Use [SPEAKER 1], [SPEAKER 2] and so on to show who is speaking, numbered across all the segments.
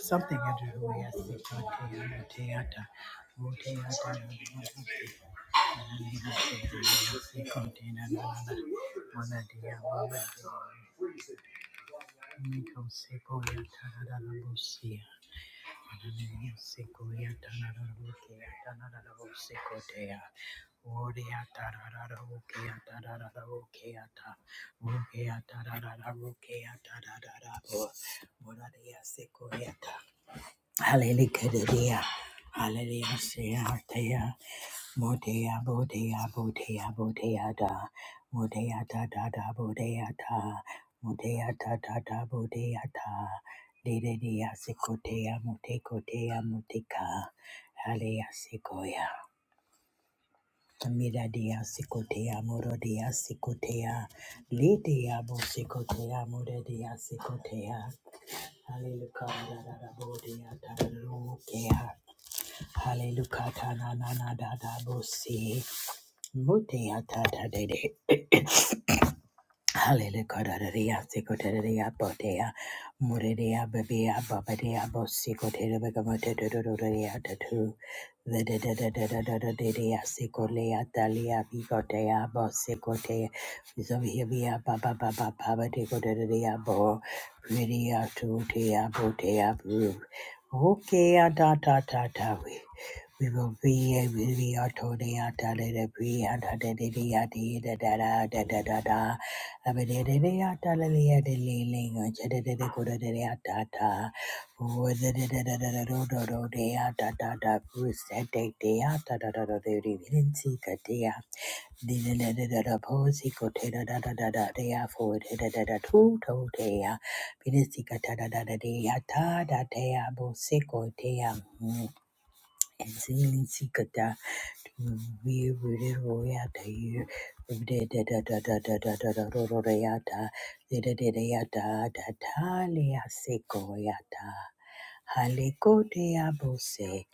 [SPEAKER 1] Something Do I do, Hallelujah. Hallelujah. Modea, Bodea, Bodea, Bodea, da. Modea, da, da, da, Bodea, da. Modea, da, da, da, Bodea, da. Dede, dea, secotea, motecotea, moteca. Alea, secoia. Mira, dea, secotea, moro, dea, secotea. Lidea, bo, secotea, moro, dea, secotea. Hallelujah, da, da, da, Bodea, da, da, da, Hallelujah, ta, na, na, na, da, da, bo, see. Mutia tata dede. Hallelujah. Kodadadea, sikodadadea, bodea, muredea, babea, babadea, bosikodere, begamotedodododea, dadu, vedadadadadadadadea, sikolea, dalia, bigodea, bosikote, zohiabia, babababa, babadekodadadea, bo, ridea, tutea, botea, bru. Okay, ah, da da da da. We we will be we we are told ah, da da da we ah, da da da da da da da da da da da. Dea we really royata you. Da da da da da da da da da ro- ro- royata. Da da da da ya da, da da lia sequoyata. Halekotea bose.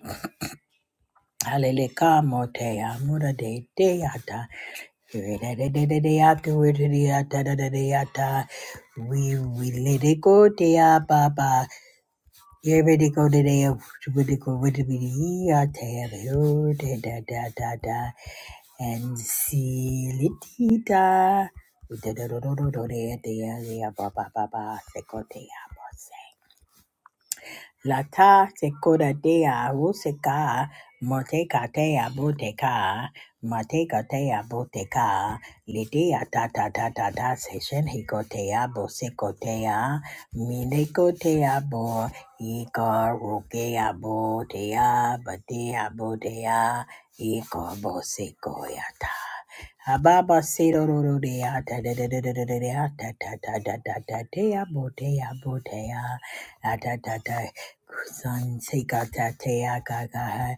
[SPEAKER 1] Haleleka motea mura de deata. Da da da da da deata. we da da da da deata. We we let it go, dear Baba. Yeah, we let it go, dear. We let it go, we let it go. Yeah, da da da da da. and Silitita. Da-da-da-da-da-da-da-da-da-da-ba-ba-ba-ba. Sekotea, Bose. Lata sekora dea ruseka moteka tea boteka mateka tea boteka lidea ta ta ta ta ta session hikotea bosekotea minekotea bo ika rukea botea batea botea ika bosekoyata Ababa Sidoro dea ta da da da da da da da ta ta ta ta ta ta dea botea botea Sons he got that tea, got got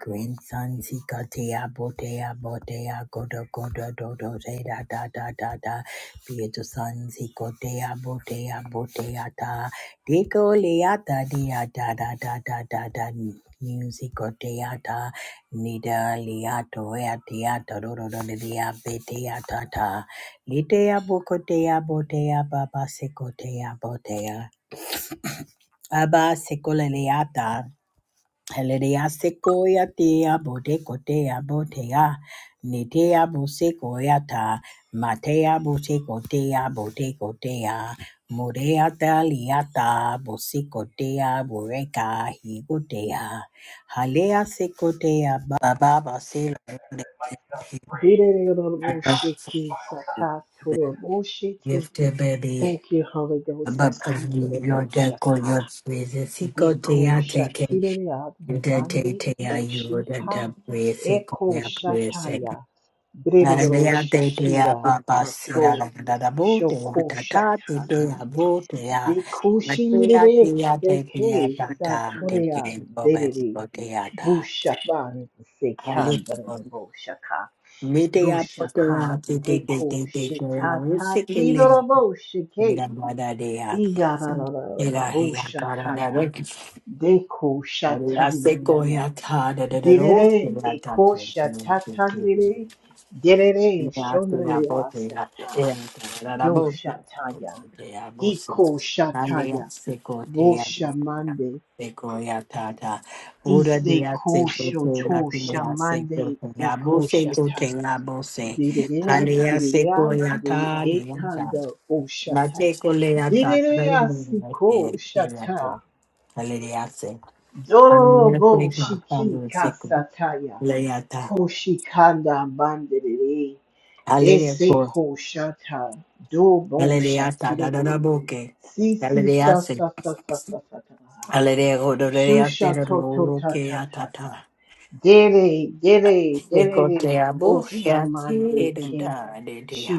[SPEAKER 1] grandsons he got tea, botea botea godo godo do do de da da da da da. Beato sons he got tea, botea botea da. Dico leata dia da da da da da da. Music teata, nida liato ea teata, roro dia betea tata, litea bocotea botea baba secotea botea. Abba Sekoleliata. Hallelujah, sequoia tea, botecotea, botea, nitea busequoiata, matea busecotea, botecotea, mureata liata, busecotea, bureca, higotea, halea secotea, baba, sila,
[SPEAKER 2] Direreroboshiki sakatoroboshiki.
[SPEAKER 1] gift baby.
[SPEAKER 2] Thank you, Holy Ghost.
[SPEAKER 1] Above your deco,
[SPEAKER 2] Sakandoroboshaka.
[SPEAKER 1] your praise,
[SPEAKER 2] Deko
[SPEAKER 1] secotea, taking,
[SPEAKER 2] shatireya
[SPEAKER 1] and te
[SPEAKER 2] devande
[SPEAKER 1] tea, you would end
[SPEAKER 2] oshika. Eko
[SPEAKER 1] up with
[SPEAKER 2] shataya. Bririro
[SPEAKER 1] Hallelujah, te te ya
[SPEAKER 2] shatira
[SPEAKER 1] papa sira da
[SPEAKER 2] sato
[SPEAKER 1] da da bo te ya
[SPEAKER 2] shoko
[SPEAKER 1] ta ta te te
[SPEAKER 2] shataya.
[SPEAKER 1] ya bo te ya
[SPEAKER 2] Deko
[SPEAKER 1] ma te ya
[SPEAKER 2] shinrire
[SPEAKER 1] te ya te te ya
[SPEAKER 2] deke
[SPEAKER 1] ta ta te
[SPEAKER 2] satoreya
[SPEAKER 1] te bo be
[SPEAKER 2] derere.
[SPEAKER 1] bo te ya ta
[SPEAKER 2] Bushaban
[SPEAKER 1] hallelujah
[SPEAKER 2] sekandoroboshaka.
[SPEAKER 1] me te ya bo te ya
[SPEAKER 2] Bushaka
[SPEAKER 1] te te te
[SPEAKER 2] deko
[SPEAKER 1] te te te ya wo
[SPEAKER 2] shitata
[SPEAKER 1] se ke le
[SPEAKER 2] tidorabo shike
[SPEAKER 1] mera bada de ya
[SPEAKER 2] iyarararara
[SPEAKER 1] mera he ya ta da da
[SPEAKER 2] bushataya
[SPEAKER 1] da
[SPEAKER 2] deko
[SPEAKER 1] ya se ko
[SPEAKER 2] shatanana
[SPEAKER 1] ya ta da da da wo
[SPEAKER 2] direre
[SPEAKER 1] se ya ta
[SPEAKER 2] eko
[SPEAKER 1] te te te
[SPEAKER 2] shatatandire
[SPEAKER 1] te
[SPEAKER 2] direre shonrere
[SPEAKER 1] Hallelujah.
[SPEAKER 2] asata do
[SPEAKER 1] Hallelujah.
[SPEAKER 2] shataya iko shataya bushamande ise ko shoto shamande eko shata Direya, direya, de ekanda oshata. Direya siko shata. Dorobo shiki kasataya. Koshikanda bandere. Ese
[SPEAKER 1] Hallelujah.
[SPEAKER 2] koshata. Dobo
[SPEAKER 1] Hallelujah, da da da da
[SPEAKER 2] shatire.
[SPEAKER 1] boke.
[SPEAKER 2] Sisi
[SPEAKER 1] Hallelujah,
[SPEAKER 2] sa
[SPEAKER 1] se.
[SPEAKER 2] sa sa sa sa sa sa.
[SPEAKER 1] Hallelujah, go do do ya te
[SPEAKER 2] Shusha
[SPEAKER 1] do
[SPEAKER 2] to to
[SPEAKER 1] do
[SPEAKER 2] ta ta
[SPEAKER 1] ya
[SPEAKER 2] ta
[SPEAKER 1] ta
[SPEAKER 2] ta.
[SPEAKER 1] ta.
[SPEAKER 2] Dere, dere,
[SPEAKER 1] E ko te
[SPEAKER 2] dere,
[SPEAKER 1] ya te
[SPEAKER 2] oshamande
[SPEAKER 1] do
[SPEAKER 2] ke,
[SPEAKER 1] da de de ya.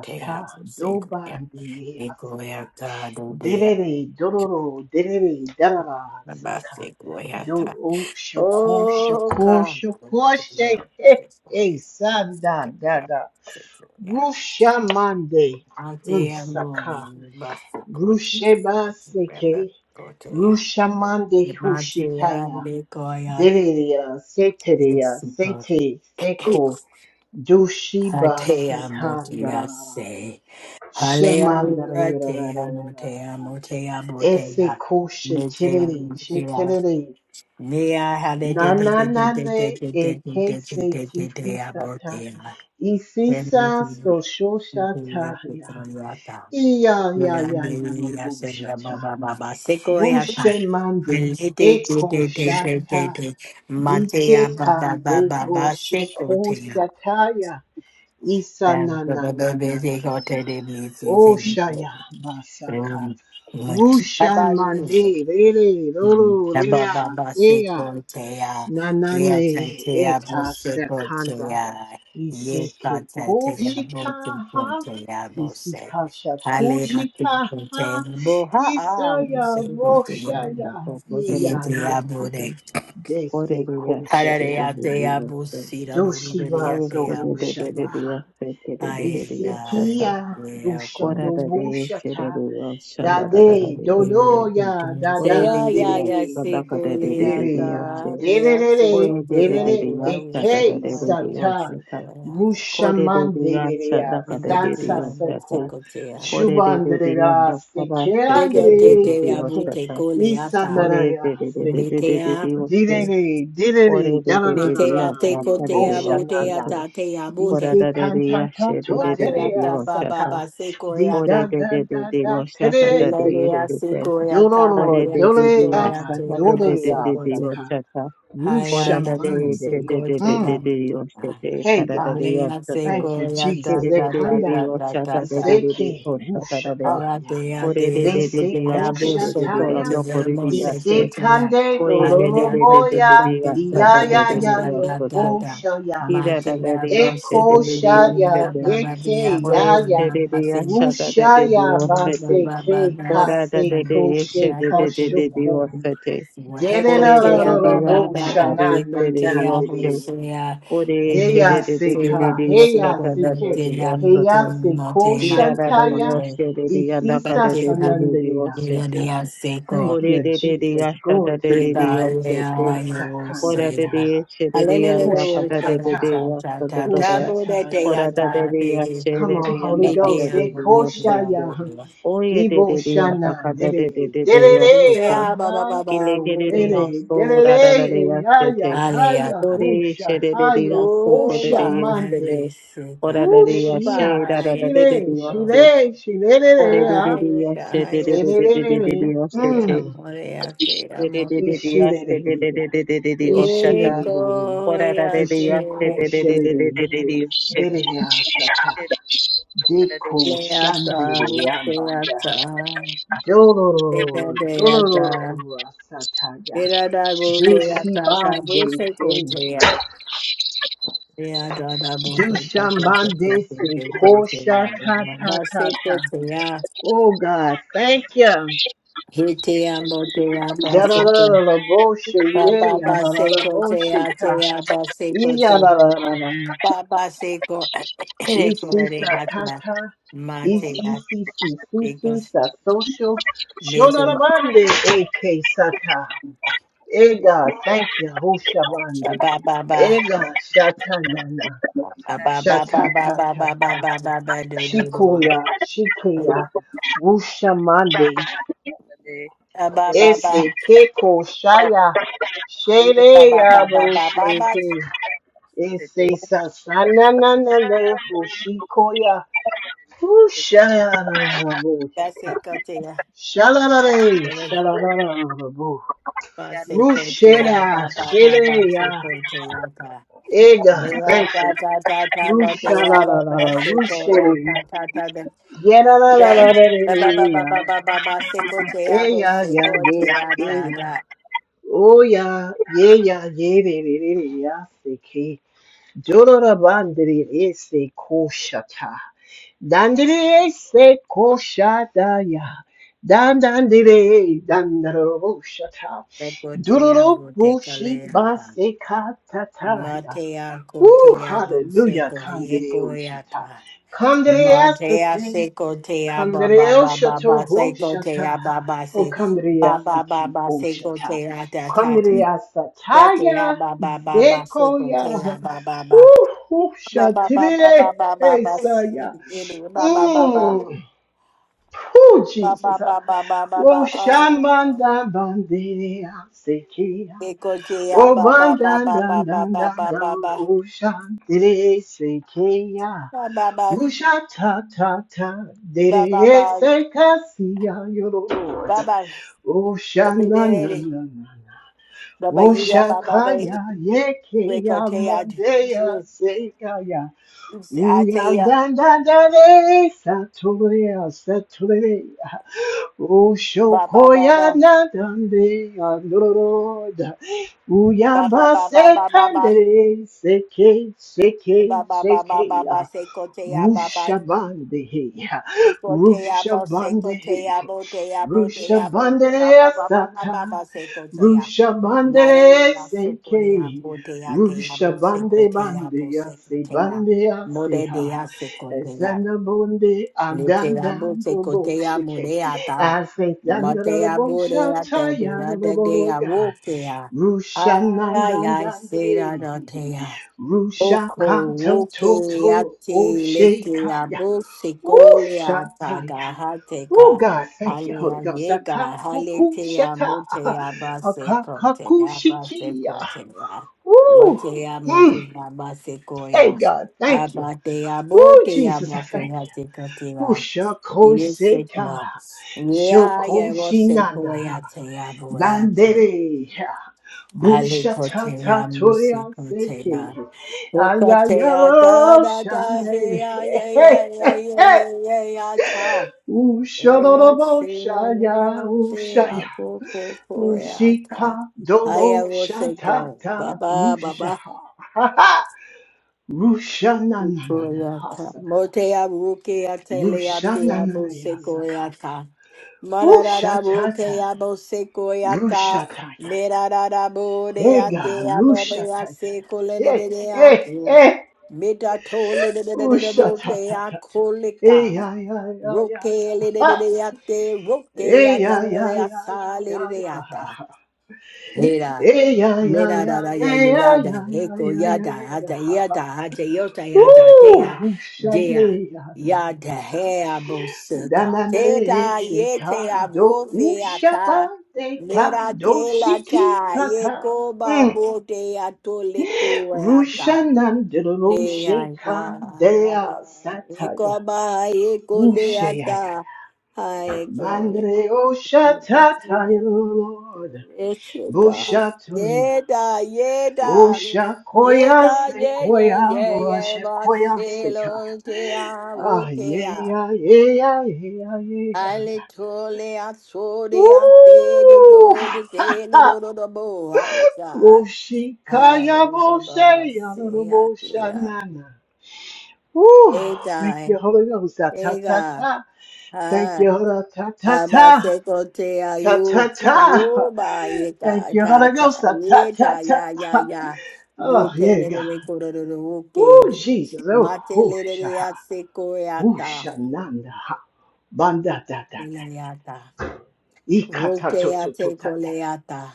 [SPEAKER 1] Te ya bo se ya.
[SPEAKER 2] dobande
[SPEAKER 1] E
[SPEAKER 2] asika.
[SPEAKER 1] ya ta do de ya.
[SPEAKER 2] Dere,
[SPEAKER 1] Tu
[SPEAKER 2] dororo, dere, darara,
[SPEAKER 1] na
[SPEAKER 2] saka.
[SPEAKER 1] ya
[SPEAKER 2] Do,
[SPEAKER 1] ta.
[SPEAKER 2] o, shoko,
[SPEAKER 1] Oh
[SPEAKER 2] shoko,
[SPEAKER 1] God.
[SPEAKER 2] shoko,
[SPEAKER 1] Te na bo
[SPEAKER 2] sheke,
[SPEAKER 1] se ko
[SPEAKER 2] e,
[SPEAKER 1] ya. Te
[SPEAKER 2] sanda,
[SPEAKER 1] te da
[SPEAKER 2] dada.
[SPEAKER 1] se ko ya.
[SPEAKER 2] Rushamande,
[SPEAKER 1] Ma
[SPEAKER 2] mm,
[SPEAKER 1] te
[SPEAKER 2] saka. Rusheba
[SPEAKER 1] Remember,
[SPEAKER 2] Seke,
[SPEAKER 1] go ya.
[SPEAKER 2] Rushamande
[SPEAKER 1] Matea
[SPEAKER 2] Hushitaya,
[SPEAKER 1] legoya
[SPEAKER 2] Dereya, Setereya,
[SPEAKER 1] yesipa.
[SPEAKER 2] Sete, Seko, Dushiba
[SPEAKER 1] Atea motea
[SPEAKER 2] Sekandara,
[SPEAKER 1] se. Halea
[SPEAKER 2] Shemandara,
[SPEAKER 1] ratea motea motea
[SPEAKER 2] Ese
[SPEAKER 1] motea.
[SPEAKER 2] Koshe
[SPEAKER 1] Metea
[SPEAKER 2] Tere,
[SPEAKER 1] motea.
[SPEAKER 2] Shetere,
[SPEAKER 1] mea hale de de
[SPEAKER 2] Nana
[SPEAKER 1] de de de de
[SPEAKER 2] Nane,
[SPEAKER 1] de de de
[SPEAKER 2] Eke
[SPEAKER 1] de
[SPEAKER 2] Se
[SPEAKER 1] de de de
[SPEAKER 2] Titi
[SPEAKER 1] de
[SPEAKER 2] Sata,
[SPEAKER 1] abotea.
[SPEAKER 2] Isisa So Shoshata, Ya, Ya, Ya, Ya, Ya, Rushata.
[SPEAKER 1] Sekoyata.
[SPEAKER 2] Bushe mande, eko
[SPEAKER 1] Matea
[SPEAKER 2] shata, bise
[SPEAKER 1] Baba
[SPEAKER 2] kande,
[SPEAKER 1] Baba
[SPEAKER 2] busho ko
[SPEAKER 1] Basicotea.
[SPEAKER 2] shataya, isa
[SPEAKER 1] Bam
[SPEAKER 2] na na
[SPEAKER 1] Baba
[SPEAKER 2] na na na
[SPEAKER 1] Busy
[SPEAKER 2] na ya,
[SPEAKER 1] Hotel
[SPEAKER 2] oshaya basaka. Bushe mande, rere, roro,
[SPEAKER 1] Baba
[SPEAKER 2] rere,
[SPEAKER 1] Baba
[SPEAKER 2] seya,
[SPEAKER 1] Secotea.
[SPEAKER 2] Nanane
[SPEAKER 1] Yatea
[SPEAKER 2] eka sekanda
[SPEAKER 1] Bosecotea.
[SPEAKER 2] iseke
[SPEAKER 1] Yetatea
[SPEAKER 2] koshikaha
[SPEAKER 1] Bosecotea Bose.
[SPEAKER 2] isikasha
[SPEAKER 1] Hale
[SPEAKER 2] koshikaha
[SPEAKER 1] Boha
[SPEAKER 2] isaya
[SPEAKER 3] Oho, the day,
[SPEAKER 1] Secotea.
[SPEAKER 2] voshaya
[SPEAKER 3] the day, the day,
[SPEAKER 2] iyanana
[SPEAKER 3] the day. Ore
[SPEAKER 2] dese
[SPEAKER 3] the day, the day, the
[SPEAKER 2] koshatani
[SPEAKER 1] Harareate
[SPEAKER 3] day,
[SPEAKER 1] abu
[SPEAKER 3] the day.
[SPEAKER 1] sira
[SPEAKER 2] doshiba
[SPEAKER 3] Pre
[SPEAKER 1] rurureate
[SPEAKER 3] the day,
[SPEAKER 1] abu
[SPEAKER 3] the day,
[SPEAKER 2] sobushaba
[SPEAKER 1] kedna.
[SPEAKER 3] the day, the
[SPEAKER 1] I
[SPEAKER 3] day.
[SPEAKER 1] die
[SPEAKER 3] Ta,
[SPEAKER 2] bisikia
[SPEAKER 1] there
[SPEAKER 3] ko
[SPEAKER 1] for
[SPEAKER 2] rushando
[SPEAKER 3] the day, the
[SPEAKER 2] bushata
[SPEAKER 3] day, the
[SPEAKER 2] dade
[SPEAKER 3] day, the day.
[SPEAKER 2] dodoya
[SPEAKER 3] Ore
[SPEAKER 2] dada
[SPEAKER 3] the day,
[SPEAKER 1] Yeah,
[SPEAKER 3] the day, the
[SPEAKER 1] yeah,
[SPEAKER 3] day, the day.
[SPEAKER 1] yeah,
[SPEAKER 2] dere
[SPEAKER 3] Na
[SPEAKER 1] see,
[SPEAKER 3] ka the day, the day, the
[SPEAKER 2] Dere, uh,
[SPEAKER 3] day.
[SPEAKER 1] Goliata, we
[SPEAKER 2] dere,
[SPEAKER 1] are sick
[SPEAKER 3] Oi
[SPEAKER 2] dere,
[SPEAKER 1] of
[SPEAKER 3] the
[SPEAKER 1] the
[SPEAKER 3] day, the day,
[SPEAKER 2] dere,
[SPEAKER 1] idea, we sick,
[SPEAKER 3] the
[SPEAKER 2] eke,
[SPEAKER 3] day,
[SPEAKER 1] I may
[SPEAKER 3] the
[SPEAKER 1] have
[SPEAKER 2] sata,
[SPEAKER 1] sick,
[SPEAKER 3] day. Ta,
[SPEAKER 1] I had.
[SPEAKER 3] ko the day, the day,
[SPEAKER 2] rushaman,
[SPEAKER 3] the day, the
[SPEAKER 2] dere,
[SPEAKER 3] day. Ta,
[SPEAKER 2] uh,
[SPEAKER 3] ko the
[SPEAKER 1] Midnight,
[SPEAKER 3] day, the
[SPEAKER 1] they
[SPEAKER 2] satsa,
[SPEAKER 1] are both sick
[SPEAKER 2] seko,
[SPEAKER 1] of the
[SPEAKER 2] shubandere, uh, seke,
[SPEAKER 1] Goliata. Minatia, Bosicotia.
[SPEAKER 3] day,
[SPEAKER 1] Ede te
[SPEAKER 2] andere,
[SPEAKER 3] the
[SPEAKER 1] te
[SPEAKER 3] day,
[SPEAKER 1] abu
[SPEAKER 2] seke,
[SPEAKER 3] the
[SPEAKER 1] te
[SPEAKER 3] day.
[SPEAKER 1] Goliata.
[SPEAKER 2] isanara,
[SPEAKER 3] Ore de
[SPEAKER 2] uh,
[SPEAKER 3] de de de de
[SPEAKER 2] seke,
[SPEAKER 3] de de de
[SPEAKER 1] Metea,
[SPEAKER 2] dere,
[SPEAKER 3] yose.
[SPEAKER 2] dere,
[SPEAKER 3] Ore
[SPEAKER 2] dere,
[SPEAKER 3] de
[SPEAKER 2] da, da,
[SPEAKER 3] de
[SPEAKER 2] da,
[SPEAKER 3] de de
[SPEAKER 1] Metea,
[SPEAKER 3] ya
[SPEAKER 1] te
[SPEAKER 3] na kare
[SPEAKER 2] da,
[SPEAKER 3] de
[SPEAKER 1] cotea,
[SPEAKER 2] da, da,
[SPEAKER 3] yose
[SPEAKER 2] da,
[SPEAKER 1] butea,
[SPEAKER 3] to.
[SPEAKER 1] ta te abute.
[SPEAKER 3] Ora da
[SPEAKER 2] BC
[SPEAKER 3] de de ya
[SPEAKER 2] Cantata
[SPEAKER 3] she de de de de de
[SPEAKER 2] Toterea
[SPEAKER 1] Mariata
[SPEAKER 3] yose
[SPEAKER 1] Baba
[SPEAKER 3] ta.
[SPEAKER 2] Saka Di da
[SPEAKER 3] Ore
[SPEAKER 1] Basekoyata.
[SPEAKER 3] de
[SPEAKER 2] da
[SPEAKER 3] de de
[SPEAKER 2] da
[SPEAKER 3] de
[SPEAKER 2] da
[SPEAKER 3] yose ta
[SPEAKER 2] Terere
[SPEAKER 3] da de
[SPEAKER 1] Ilaya
[SPEAKER 2] Seke
[SPEAKER 3] yose te.
[SPEAKER 1] Sekoyata
[SPEAKER 3] Ore
[SPEAKER 2] Dororo
[SPEAKER 1] Haya
[SPEAKER 3] de de de ya she
[SPEAKER 2] Dorea
[SPEAKER 1] Sekoyata
[SPEAKER 3] ta de de
[SPEAKER 1] Yaba
[SPEAKER 3] de de
[SPEAKER 2] Dorea
[SPEAKER 3] de
[SPEAKER 1] Sekote.
[SPEAKER 2] Saka
[SPEAKER 3] yose ta. Ora
[SPEAKER 1] Haya
[SPEAKER 3] da de
[SPEAKER 1] Yamil
[SPEAKER 3] yose
[SPEAKER 2] Rushamande.
[SPEAKER 3] de de de
[SPEAKER 1] Sekote
[SPEAKER 2] Mm.
[SPEAKER 3] de de
[SPEAKER 1] Yamata.
[SPEAKER 3] yose te.
[SPEAKER 2] Hey
[SPEAKER 3] Kara da de
[SPEAKER 2] God,
[SPEAKER 1] Alea
[SPEAKER 3] yose to.
[SPEAKER 2] thank you,
[SPEAKER 3] De
[SPEAKER 2] Jesus.
[SPEAKER 3] de
[SPEAKER 1] Sekoyata
[SPEAKER 3] de
[SPEAKER 1] Da
[SPEAKER 3] de
[SPEAKER 1] Da
[SPEAKER 3] de de
[SPEAKER 2] Ekanda
[SPEAKER 1] Da Da
[SPEAKER 3] yose
[SPEAKER 1] Da
[SPEAKER 3] ta de de
[SPEAKER 1] Da.
[SPEAKER 3] de de
[SPEAKER 2] Iseke
[SPEAKER 3] yose ta da de.
[SPEAKER 2] Rushabanya
[SPEAKER 1] Alatea
[SPEAKER 3] Ore de
[SPEAKER 1] Dea
[SPEAKER 3] de de
[SPEAKER 2] Bese
[SPEAKER 3] de ya
[SPEAKER 1] Budea
[SPEAKER 3] she de de de ya
[SPEAKER 2] Koshataya
[SPEAKER 1] Busekote
[SPEAKER 3] no kore de
[SPEAKER 1] Yamo
[SPEAKER 3] ya she.
[SPEAKER 1] Sekote Ya.
[SPEAKER 2] Isekande
[SPEAKER 3] Oye, de de
[SPEAKER 2] Dororo
[SPEAKER 1] Alea
[SPEAKER 3] de
[SPEAKER 1] Da
[SPEAKER 3] de
[SPEAKER 1] Da
[SPEAKER 3] de de
[SPEAKER 1] Da
[SPEAKER 2] Boya
[SPEAKER 3] de
[SPEAKER 1] Da Da
[SPEAKER 2] Iya
[SPEAKER 3] gasata
[SPEAKER 1] Da
[SPEAKER 3] de
[SPEAKER 2] ya
[SPEAKER 3] de
[SPEAKER 1] Da
[SPEAKER 3] de
[SPEAKER 2] ya
[SPEAKER 1] Da
[SPEAKER 2] yo
[SPEAKER 1] Da Da
[SPEAKER 3] gasoto.
[SPEAKER 1] Da.
[SPEAKER 2] Oshaya
[SPEAKER 3] Kira da da
[SPEAKER 1] Makina
[SPEAKER 3] de gashe de
[SPEAKER 2] Eko
[SPEAKER 3] de de
[SPEAKER 2] Shaya,
[SPEAKER 1] Basekoyata
[SPEAKER 3] gasete.
[SPEAKER 1] Baba
[SPEAKER 2] Eke
[SPEAKER 3] Oye, de
[SPEAKER 2] Yaya,
[SPEAKER 1] Baba
[SPEAKER 3] de
[SPEAKER 1] Baba
[SPEAKER 3] de
[SPEAKER 1] Baba
[SPEAKER 3] gasata de de de
[SPEAKER 2] Wushaya
[SPEAKER 3] gasete.
[SPEAKER 2] Baseke,
[SPEAKER 3] Ora da
[SPEAKER 2] Kase
[SPEAKER 3] de de gashe
[SPEAKER 2] Koshe
[SPEAKER 3] de de de de de
[SPEAKER 2] Kashoku,
[SPEAKER 3] gasete. Kore de de de
[SPEAKER 2] Dedebo
[SPEAKER 3] ganda kare
[SPEAKER 2] Shana
[SPEAKER 3] de de de gashe.
[SPEAKER 2] Nandandiri,
[SPEAKER 3] Ore she
[SPEAKER 2] Heya
[SPEAKER 3] de de de de de
[SPEAKER 2] Seka,
[SPEAKER 3] de
[SPEAKER 2] Heya
[SPEAKER 3] gasata da de
[SPEAKER 2] Seke,
[SPEAKER 3] de gasoto.
[SPEAKER 2] Heya Seko
[SPEAKER 3] Kira da de
[SPEAKER 2] Shantaya,
[SPEAKER 3] gashe de de ganda
[SPEAKER 2] Isisa
[SPEAKER 3] kare de de de de
[SPEAKER 2] Sanandiri Asata.
[SPEAKER 3] gasete.
[SPEAKER 2] Thank
[SPEAKER 1] Hallelujah.
[SPEAKER 3] Ore
[SPEAKER 2] you,
[SPEAKER 3] de de de
[SPEAKER 2] Jesus.
[SPEAKER 3] gasata
[SPEAKER 2] Glory to
[SPEAKER 3] de
[SPEAKER 2] your
[SPEAKER 3] de de
[SPEAKER 2] name.
[SPEAKER 3] gasete. Kora de
[SPEAKER 2] Basakandata.
[SPEAKER 3] de shere de yanda kada de de
[SPEAKER 2] Ushatata.
[SPEAKER 3] de yasta do do da. Kora
[SPEAKER 2] Ushataralyasa.
[SPEAKER 3] da de de ya shere
[SPEAKER 2] Come on, Holy
[SPEAKER 3] kada
[SPEAKER 2] Ghost.
[SPEAKER 3] de de yasta
[SPEAKER 2] Ekoshaya.
[SPEAKER 3] Oye de
[SPEAKER 2] Ibo
[SPEAKER 3] de de yanda
[SPEAKER 2] Shanan.
[SPEAKER 3] kada de de
[SPEAKER 2] Delele.
[SPEAKER 3] de de yasta
[SPEAKER 2] Delele.
[SPEAKER 1] Rupeya ba ba ba
[SPEAKER 2] Uh-huh.
[SPEAKER 1] ba
[SPEAKER 3] Kile ge de de
[SPEAKER 1] rupeya.
[SPEAKER 2] Dele.
[SPEAKER 3] yasta ra ra ra de
[SPEAKER 2] Delele.
[SPEAKER 3] yasta te.
[SPEAKER 2] Haya.
[SPEAKER 1] Aleya
[SPEAKER 2] Haya.
[SPEAKER 1] kan.
[SPEAKER 3] Kore
[SPEAKER 2] Husha.
[SPEAKER 3] shere de de
[SPEAKER 2] Haya.
[SPEAKER 3] yasta kore de
[SPEAKER 2] Kosha
[SPEAKER 1] Ruba
[SPEAKER 3] yasta
[SPEAKER 2] mande.
[SPEAKER 3] de.
[SPEAKER 1] yeseka.
[SPEAKER 3] da de ya she
[SPEAKER 2] Ushia.
[SPEAKER 1] Ruba
[SPEAKER 3] ra ra ra de de de
[SPEAKER 2] Shile.
[SPEAKER 1] yeseka.
[SPEAKER 3] yasta.
[SPEAKER 2] Shile.
[SPEAKER 3] Kore
[SPEAKER 2] Shilele.
[SPEAKER 3] de de
[SPEAKER 2] ah.
[SPEAKER 3] de
[SPEAKER 1] Aye
[SPEAKER 3] yasta de de
[SPEAKER 1] gaya
[SPEAKER 3] de de de de
[SPEAKER 1] seka.
[SPEAKER 3] de de
[SPEAKER 2] Iselelele.
[SPEAKER 3] yasta
[SPEAKER 1] Te
[SPEAKER 2] Mm.
[SPEAKER 1] amore ya te
[SPEAKER 3] De de de
[SPEAKER 1] amore.
[SPEAKER 3] de de yasta de de
[SPEAKER 2] Ishilelele.
[SPEAKER 3] de de de de de yasta
[SPEAKER 1] Eko
[SPEAKER 2] Ishilelele.
[SPEAKER 3] Ora ra
[SPEAKER 1] ya
[SPEAKER 3] de de
[SPEAKER 1] te
[SPEAKER 3] ya se de de de de de
[SPEAKER 2] Ishikoshelele.
[SPEAKER 3] de de de she
[SPEAKER 1] amore.
[SPEAKER 3] she
[SPEAKER 2] Deleasata.
[SPEAKER 3] ra de
[SPEAKER 2] Deko
[SPEAKER 1] Leya ta
[SPEAKER 2] Shandiri
[SPEAKER 1] rupeya ta.
[SPEAKER 2] Ambanda
[SPEAKER 1] Leda
[SPEAKER 2] Doloro
[SPEAKER 1] deya ta.
[SPEAKER 2] Doloro Asataya
[SPEAKER 1] Leda da rupeya ta ta.
[SPEAKER 2] Dushibande Ken
[SPEAKER 1] Rupeya Yeah, da da bo bo bo bo bo bo bo
[SPEAKER 2] Dushambande Seko
[SPEAKER 1] bo bo bo ya bo ba
[SPEAKER 2] Shata Ta Ta
[SPEAKER 1] ba se
[SPEAKER 2] Ta
[SPEAKER 1] ko
[SPEAKER 2] Ta.
[SPEAKER 1] te ya
[SPEAKER 2] Oh God, thank you.
[SPEAKER 1] he
[SPEAKER 3] she
[SPEAKER 1] te ya bo te ya ba
[SPEAKER 2] Da
[SPEAKER 1] se
[SPEAKER 2] da da
[SPEAKER 1] ko
[SPEAKER 2] da da boshe
[SPEAKER 1] ba ba
[SPEAKER 2] ye ya
[SPEAKER 1] ba
[SPEAKER 2] da da
[SPEAKER 1] se
[SPEAKER 2] da
[SPEAKER 1] ko te
[SPEAKER 2] boshe
[SPEAKER 1] ya te
[SPEAKER 2] ta
[SPEAKER 1] ya ba se
[SPEAKER 2] ye
[SPEAKER 1] ko te
[SPEAKER 2] ya da da da da
[SPEAKER 1] ba ba se ko re ko
[SPEAKER 2] isi
[SPEAKER 1] re
[SPEAKER 2] sa
[SPEAKER 1] na
[SPEAKER 2] ta
[SPEAKER 1] ma
[SPEAKER 2] ta
[SPEAKER 1] ma te
[SPEAKER 2] isi
[SPEAKER 1] na
[SPEAKER 2] si si si si
[SPEAKER 1] te ko
[SPEAKER 2] si, sa social
[SPEAKER 1] me
[SPEAKER 3] she
[SPEAKER 2] shoda
[SPEAKER 1] te
[SPEAKER 2] da bande ek sa ta.
[SPEAKER 3] ora
[SPEAKER 2] Eh
[SPEAKER 3] Okay. That.
[SPEAKER 2] God, thank you,
[SPEAKER 1] ba
[SPEAKER 2] Hushabandi.
[SPEAKER 1] ba ba
[SPEAKER 2] Eh
[SPEAKER 1] ba
[SPEAKER 2] God, Shatanana,
[SPEAKER 1] ba ba ba ba ba ba ba ba ba
[SPEAKER 2] Shatatatata,
[SPEAKER 1] ba ba do do do
[SPEAKER 2] Shikuya, Shikuya, Wushamandi,
[SPEAKER 3] they
[SPEAKER 1] ba ba ba
[SPEAKER 3] would it
[SPEAKER 1] ba ba
[SPEAKER 2] Ese
[SPEAKER 1] ba
[SPEAKER 2] Keko Shaya,
[SPEAKER 3] either
[SPEAKER 1] ba
[SPEAKER 2] Sheleya
[SPEAKER 1] ba ba ba
[SPEAKER 2] Boshehe,
[SPEAKER 3] that
[SPEAKER 2] Ese Sasananana, Hushikoya, Hushaya
[SPEAKER 1] ba se
[SPEAKER 2] Boshata,
[SPEAKER 1] ko te
[SPEAKER 2] Shalalare,
[SPEAKER 1] ya
[SPEAKER 2] Shalalabo,
[SPEAKER 1] Ba
[SPEAKER 3] they
[SPEAKER 1] se ko te ya
[SPEAKER 2] Rushela,
[SPEAKER 1] ba ba ba ba se
[SPEAKER 2] Sheleya.
[SPEAKER 1] ko te
[SPEAKER 3] that
[SPEAKER 1] ya ka.
[SPEAKER 2] Eh,
[SPEAKER 3] Yes,
[SPEAKER 1] Me
[SPEAKER 2] God,
[SPEAKER 1] ra
[SPEAKER 2] thank
[SPEAKER 1] ta
[SPEAKER 2] you.
[SPEAKER 1] ta ta ta ba te
[SPEAKER 2] Rusha
[SPEAKER 1] ya
[SPEAKER 2] la la
[SPEAKER 1] ba
[SPEAKER 2] la
[SPEAKER 1] ba
[SPEAKER 2] la,
[SPEAKER 1] se ko ya
[SPEAKER 2] rushiri.
[SPEAKER 1] ta ta ta da.
[SPEAKER 2] Yeah la la la la la la
[SPEAKER 1] Da ba ba ba ba
[SPEAKER 2] la.
[SPEAKER 1] ba ba ba se ko te ya
[SPEAKER 2] Yeah
[SPEAKER 1] bo
[SPEAKER 2] yeah
[SPEAKER 1] se
[SPEAKER 2] yeah
[SPEAKER 1] ko
[SPEAKER 2] yeah
[SPEAKER 1] te ya
[SPEAKER 2] yeah
[SPEAKER 1] ta
[SPEAKER 2] yeah.
[SPEAKER 1] da.
[SPEAKER 2] Oh yeah yeah yeah yeah yeah yeah yeah yeah. Seki. Jolo la bandiri ese koshata. Dandiri ese koshata ya. Dan dandiri dandaro koshata.
[SPEAKER 1] Re ko te ya
[SPEAKER 2] Dururu
[SPEAKER 1] bo te ka
[SPEAKER 2] bushi
[SPEAKER 1] le ya ta.
[SPEAKER 2] base
[SPEAKER 1] Ma
[SPEAKER 2] katata
[SPEAKER 1] te ya ko te
[SPEAKER 2] Woo,
[SPEAKER 1] ya bo se
[SPEAKER 2] hallelujah.
[SPEAKER 1] ko ye ko
[SPEAKER 2] Kandreo
[SPEAKER 1] ya
[SPEAKER 2] shata.
[SPEAKER 1] ta. Ma te ya
[SPEAKER 2] Kandreasate.
[SPEAKER 1] se ko te ya ba ba
[SPEAKER 2] Kandreo
[SPEAKER 1] ba ba
[SPEAKER 2] shato
[SPEAKER 1] ba se
[SPEAKER 2] ho
[SPEAKER 1] ko te
[SPEAKER 2] shata.
[SPEAKER 1] ya ba ba
[SPEAKER 2] O
[SPEAKER 1] se. Ba ba ba
[SPEAKER 2] kandreasiki
[SPEAKER 1] ba
[SPEAKER 2] o
[SPEAKER 1] se ko
[SPEAKER 2] shata.
[SPEAKER 1] te ya ta ta ta. That day, ah,
[SPEAKER 2] Kandreasataya
[SPEAKER 1] ba ba ba ba, second day, ah,
[SPEAKER 2] isekoya.
[SPEAKER 1] ba ba ba,
[SPEAKER 2] Woo, ho
[SPEAKER 1] ba ba ba ba ba
[SPEAKER 2] shatire
[SPEAKER 1] ba ba ba, second
[SPEAKER 2] esaya.
[SPEAKER 1] day, ba ba ba ba,
[SPEAKER 2] Mmm. Woo,
[SPEAKER 1] ba ba ba
[SPEAKER 2] Jesus.
[SPEAKER 1] ba ba ba ba,
[SPEAKER 2] Wo
[SPEAKER 1] oh,
[SPEAKER 2] shamanda bandereasiki.
[SPEAKER 1] second day, ah,
[SPEAKER 2] Oh,
[SPEAKER 1] ba ba
[SPEAKER 2] bum,
[SPEAKER 1] ba
[SPEAKER 2] dum,
[SPEAKER 1] ba ba
[SPEAKER 2] dum,
[SPEAKER 1] ba
[SPEAKER 2] dum,
[SPEAKER 1] ba
[SPEAKER 2] dum,
[SPEAKER 1] ba ba
[SPEAKER 2] dum.
[SPEAKER 1] ba, ba ba ba ba ba
[SPEAKER 2] Oh, shan, diddy, say, kaya.
[SPEAKER 1] ba ba ba,
[SPEAKER 2] Woo, sha, ta, ta, ta.
[SPEAKER 1] ba
[SPEAKER 2] Diddy, say, kasiya, your Lord.
[SPEAKER 1] ba
[SPEAKER 2] Oh, shan, na, na,
[SPEAKER 1] ba
[SPEAKER 2] na, na. na.
[SPEAKER 1] ba ba,
[SPEAKER 2] Oh,
[SPEAKER 1] you ah,
[SPEAKER 2] sha,
[SPEAKER 1] ba ba ba,
[SPEAKER 2] kaya, ye, kaya,
[SPEAKER 1] second day, ah,
[SPEAKER 2] mandeya,
[SPEAKER 1] you-
[SPEAKER 2] say, kaya.
[SPEAKER 1] I
[SPEAKER 2] Ooh,
[SPEAKER 1] tell
[SPEAKER 2] yan,
[SPEAKER 1] ya,
[SPEAKER 2] dan, dan, dan, eh, sa, to, le, ah, sa, to,
[SPEAKER 1] ba ba ba ba,
[SPEAKER 2] Ushokoyana dande andoroda.
[SPEAKER 1] ba ba ba ba
[SPEAKER 2] Uyabase
[SPEAKER 1] ba ba ba ba, ba
[SPEAKER 2] kandere seke seke
[SPEAKER 1] ba ba
[SPEAKER 2] seke
[SPEAKER 1] ba ba
[SPEAKER 2] ya.
[SPEAKER 1] ba, second day, ah, ba ba.
[SPEAKER 2] Rushabandehe,
[SPEAKER 1] Seko te abo, seko
[SPEAKER 2] Rushabandehe,
[SPEAKER 1] te abo, te abo, te abo, te abo,
[SPEAKER 2] Rushabandere
[SPEAKER 1] ba ba ba ba
[SPEAKER 2] Sata,
[SPEAKER 1] ba, seko te a. Mare
[SPEAKER 2] Rushabandere
[SPEAKER 1] a seko te
[SPEAKER 2] Seke,
[SPEAKER 1] abo, te a te abo, seko
[SPEAKER 2] Rushabande
[SPEAKER 1] te
[SPEAKER 2] Bande
[SPEAKER 1] abo, seko
[SPEAKER 2] Yase
[SPEAKER 1] te a.
[SPEAKER 2] Bande
[SPEAKER 1] More de
[SPEAKER 2] Yaseha,
[SPEAKER 1] a seko te a.
[SPEAKER 2] Esenabonde
[SPEAKER 1] Le te abo,
[SPEAKER 2] Adadando
[SPEAKER 1] seko te a,
[SPEAKER 2] Boshike,
[SPEAKER 1] more a ta. Mate
[SPEAKER 2] Asetandra
[SPEAKER 1] abo, re
[SPEAKER 2] Bosha
[SPEAKER 1] a te, de
[SPEAKER 2] Taya
[SPEAKER 1] a de de a,
[SPEAKER 2] Boboga,
[SPEAKER 1] wo ke a. Ay, ay, ay, se ra da
[SPEAKER 2] Rushanandandandri.
[SPEAKER 1] te a. Oko
[SPEAKER 2] Rushakato
[SPEAKER 1] woke
[SPEAKER 2] Toto
[SPEAKER 1] ate lete
[SPEAKER 2] Oshekaya.
[SPEAKER 1] abo sekole ataga
[SPEAKER 2] Wushataya. Oh
[SPEAKER 1] hateka.
[SPEAKER 2] God, thank you,
[SPEAKER 1] Ale
[SPEAKER 2] Holy Ghost.
[SPEAKER 1] yega halete
[SPEAKER 2] Akakukushata.
[SPEAKER 1] amote abase kote abase
[SPEAKER 2] Akakukushikia.
[SPEAKER 1] kote ya.
[SPEAKER 2] Woo.
[SPEAKER 1] Wate
[SPEAKER 2] Mm.
[SPEAKER 1] amote abase
[SPEAKER 2] Hey
[SPEAKER 1] koya.
[SPEAKER 2] God, thank you.
[SPEAKER 1] Abate
[SPEAKER 2] Ooh,
[SPEAKER 1] abote
[SPEAKER 2] Jesus, I
[SPEAKER 1] abate
[SPEAKER 2] thank you.
[SPEAKER 1] hate kote ya. Yese
[SPEAKER 2] Ushakoseka.
[SPEAKER 1] kwa. Ya ya wose
[SPEAKER 2] Shokoshinanda.
[SPEAKER 1] koya te abo ya te.
[SPEAKER 2] Dandere,
[SPEAKER 1] Ale
[SPEAKER 2] Busha
[SPEAKER 1] kote ya
[SPEAKER 2] Tata
[SPEAKER 1] muse
[SPEAKER 2] Toya
[SPEAKER 1] kote ya.
[SPEAKER 2] Seke,
[SPEAKER 1] Ukatea da
[SPEAKER 2] Ayayaro
[SPEAKER 1] da da he
[SPEAKER 2] Shane,
[SPEAKER 1] ya ya ya ya ya ya ya ya ta.
[SPEAKER 2] Ushadorobo
[SPEAKER 1] Yamasina
[SPEAKER 2] Shaya,
[SPEAKER 1] ya te
[SPEAKER 2] Ushaya,
[SPEAKER 1] ya ko ko ko ya ta.
[SPEAKER 2] Ushika
[SPEAKER 1] Haya
[SPEAKER 2] Dobo
[SPEAKER 1] wo se go ya.
[SPEAKER 2] Shatata,
[SPEAKER 1] Baba baba
[SPEAKER 2] Ushaha, Rushananana
[SPEAKER 1] Koyata.
[SPEAKER 2] Hasaka,
[SPEAKER 1] Motea rukea teleate abo
[SPEAKER 2] Rushananana
[SPEAKER 1] se
[SPEAKER 2] Yasakaya,
[SPEAKER 1] koyata. Mararara
[SPEAKER 2] Ushatata,
[SPEAKER 1] rukea abo se koyata.
[SPEAKER 2] Rushataya,
[SPEAKER 1] Merarara bode ate
[SPEAKER 2] Ega,
[SPEAKER 1] abo bea
[SPEAKER 2] Rushataya,
[SPEAKER 1] se kolene
[SPEAKER 2] Eh,
[SPEAKER 1] de de
[SPEAKER 2] eh,
[SPEAKER 1] ate.
[SPEAKER 2] eh.
[SPEAKER 1] Meta tole de de de
[SPEAKER 2] Ooh,
[SPEAKER 1] de de
[SPEAKER 2] sha ta
[SPEAKER 1] bote
[SPEAKER 2] ta
[SPEAKER 1] a
[SPEAKER 2] ta ta. Hey
[SPEAKER 1] kolika.
[SPEAKER 2] ya ya ya ya ya.
[SPEAKER 1] Roke le de
[SPEAKER 2] Ha.
[SPEAKER 1] de de ate. Roke
[SPEAKER 2] Hey ya
[SPEAKER 1] ata de
[SPEAKER 2] ya
[SPEAKER 1] de
[SPEAKER 2] ya ya
[SPEAKER 1] asa le
[SPEAKER 2] ya
[SPEAKER 1] de de
[SPEAKER 2] ya. Ha
[SPEAKER 1] ata. Hera.
[SPEAKER 2] Hey ya ya
[SPEAKER 1] Mera
[SPEAKER 2] ya
[SPEAKER 1] da da
[SPEAKER 2] ya
[SPEAKER 1] ya ya
[SPEAKER 2] ya
[SPEAKER 1] ya da
[SPEAKER 2] ya ya
[SPEAKER 1] heko
[SPEAKER 2] ya
[SPEAKER 1] ya
[SPEAKER 2] ya
[SPEAKER 1] da
[SPEAKER 2] ya ya
[SPEAKER 1] ha
[SPEAKER 2] ya.
[SPEAKER 1] da
[SPEAKER 2] Ha
[SPEAKER 1] ya
[SPEAKER 2] ha.
[SPEAKER 1] da ha da yo da ya da de ya
[SPEAKER 2] Ooh,
[SPEAKER 1] de ya
[SPEAKER 2] shani ya na
[SPEAKER 1] ya da
[SPEAKER 2] na.
[SPEAKER 1] he a bo se
[SPEAKER 2] Da
[SPEAKER 1] ka
[SPEAKER 2] na na
[SPEAKER 1] te
[SPEAKER 2] re
[SPEAKER 1] da
[SPEAKER 2] se
[SPEAKER 1] ye
[SPEAKER 2] ka
[SPEAKER 1] te a
[SPEAKER 2] do.
[SPEAKER 1] wo
[SPEAKER 2] Ooh,
[SPEAKER 1] fe a
[SPEAKER 2] shaba
[SPEAKER 1] ta
[SPEAKER 2] de ka
[SPEAKER 1] mera
[SPEAKER 2] do
[SPEAKER 1] te la
[SPEAKER 2] shiki
[SPEAKER 1] ta ye
[SPEAKER 2] kata.
[SPEAKER 1] ko ba
[SPEAKER 2] Mm.
[SPEAKER 1] bo te a to le ko a ta
[SPEAKER 2] Rushanan de lo
[SPEAKER 1] le ya
[SPEAKER 2] sheka
[SPEAKER 1] ya
[SPEAKER 2] dea
[SPEAKER 1] ye
[SPEAKER 2] sataya.
[SPEAKER 1] ko ba ye ko le
[SPEAKER 2] Usha
[SPEAKER 1] a
[SPEAKER 2] ya ya
[SPEAKER 1] ta ha ye ko
[SPEAKER 2] Mandre
[SPEAKER 1] I'm
[SPEAKER 2] Oshatataya,
[SPEAKER 1] absolutely
[SPEAKER 2] Lord.
[SPEAKER 1] yes, yeah, God.
[SPEAKER 2] Boshatoya.
[SPEAKER 1] Yeah, da, yeah, da. Yeah,
[SPEAKER 2] Oshakoya
[SPEAKER 1] da, yeah, yeah,
[SPEAKER 2] Sekoya
[SPEAKER 1] yeah, yeah.
[SPEAKER 2] Moshakoya Seka.
[SPEAKER 1] Marcelo, te
[SPEAKER 2] Ah,
[SPEAKER 1] amo, que
[SPEAKER 2] yeah,
[SPEAKER 1] a.
[SPEAKER 2] yeah, yeah, yeah, yeah.
[SPEAKER 1] Ale tole a
[SPEAKER 2] Woo!
[SPEAKER 1] sore a te do do do te do do do do bo a sa. Ai,
[SPEAKER 2] Boshikaya
[SPEAKER 1] ba ba ba
[SPEAKER 2] Bosheya,
[SPEAKER 1] se a te a.
[SPEAKER 2] Boshanana. Woo!
[SPEAKER 1] E
[SPEAKER 2] Thank you,
[SPEAKER 1] dai,
[SPEAKER 2] Holy Ghost. Ta ta
[SPEAKER 1] e
[SPEAKER 2] ta.
[SPEAKER 1] ga.
[SPEAKER 2] ta. Thank you, Holy Ta ta ta.
[SPEAKER 1] Abasekotea
[SPEAKER 2] Ta ta
[SPEAKER 1] you
[SPEAKER 2] ta.
[SPEAKER 1] uba
[SPEAKER 2] Thank
[SPEAKER 1] yeta
[SPEAKER 2] you,
[SPEAKER 1] ta
[SPEAKER 2] Holy
[SPEAKER 1] ta
[SPEAKER 2] Ghost. Ta, ta, ta,
[SPEAKER 1] yeta ya ya
[SPEAKER 2] ta.
[SPEAKER 1] ya
[SPEAKER 2] Oh,
[SPEAKER 1] bote
[SPEAKER 2] yeah,
[SPEAKER 1] lele
[SPEAKER 2] God.
[SPEAKER 1] le kororo oke
[SPEAKER 2] Woo, Jesus. Oh,
[SPEAKER 1] mate
[SPEAKER 2] oh,
[SPEAKER 1] lele
[SPEAKER 2] sha,
[SPEAKER 1] le ya seko
[SPEAKER 2] Oh,
[SPEAKER 1] yata
[SPEAKER 2] shananda. ha. Banda, da, da, da,
[SPEAKER 1] le
[SPEAKER 2] da.
[SPEAKER 1] yata
[SPEAKER 2] Ika, ta,
[SPEAKER 1] roke
[SPEAKER 2] to,
[SPEAKER 1] ya
[SPEAKER 2] to, to,
[SPEAKER 1] te
[SPEAKER 2] ta, ta.
[SPEAKER 1] kole yata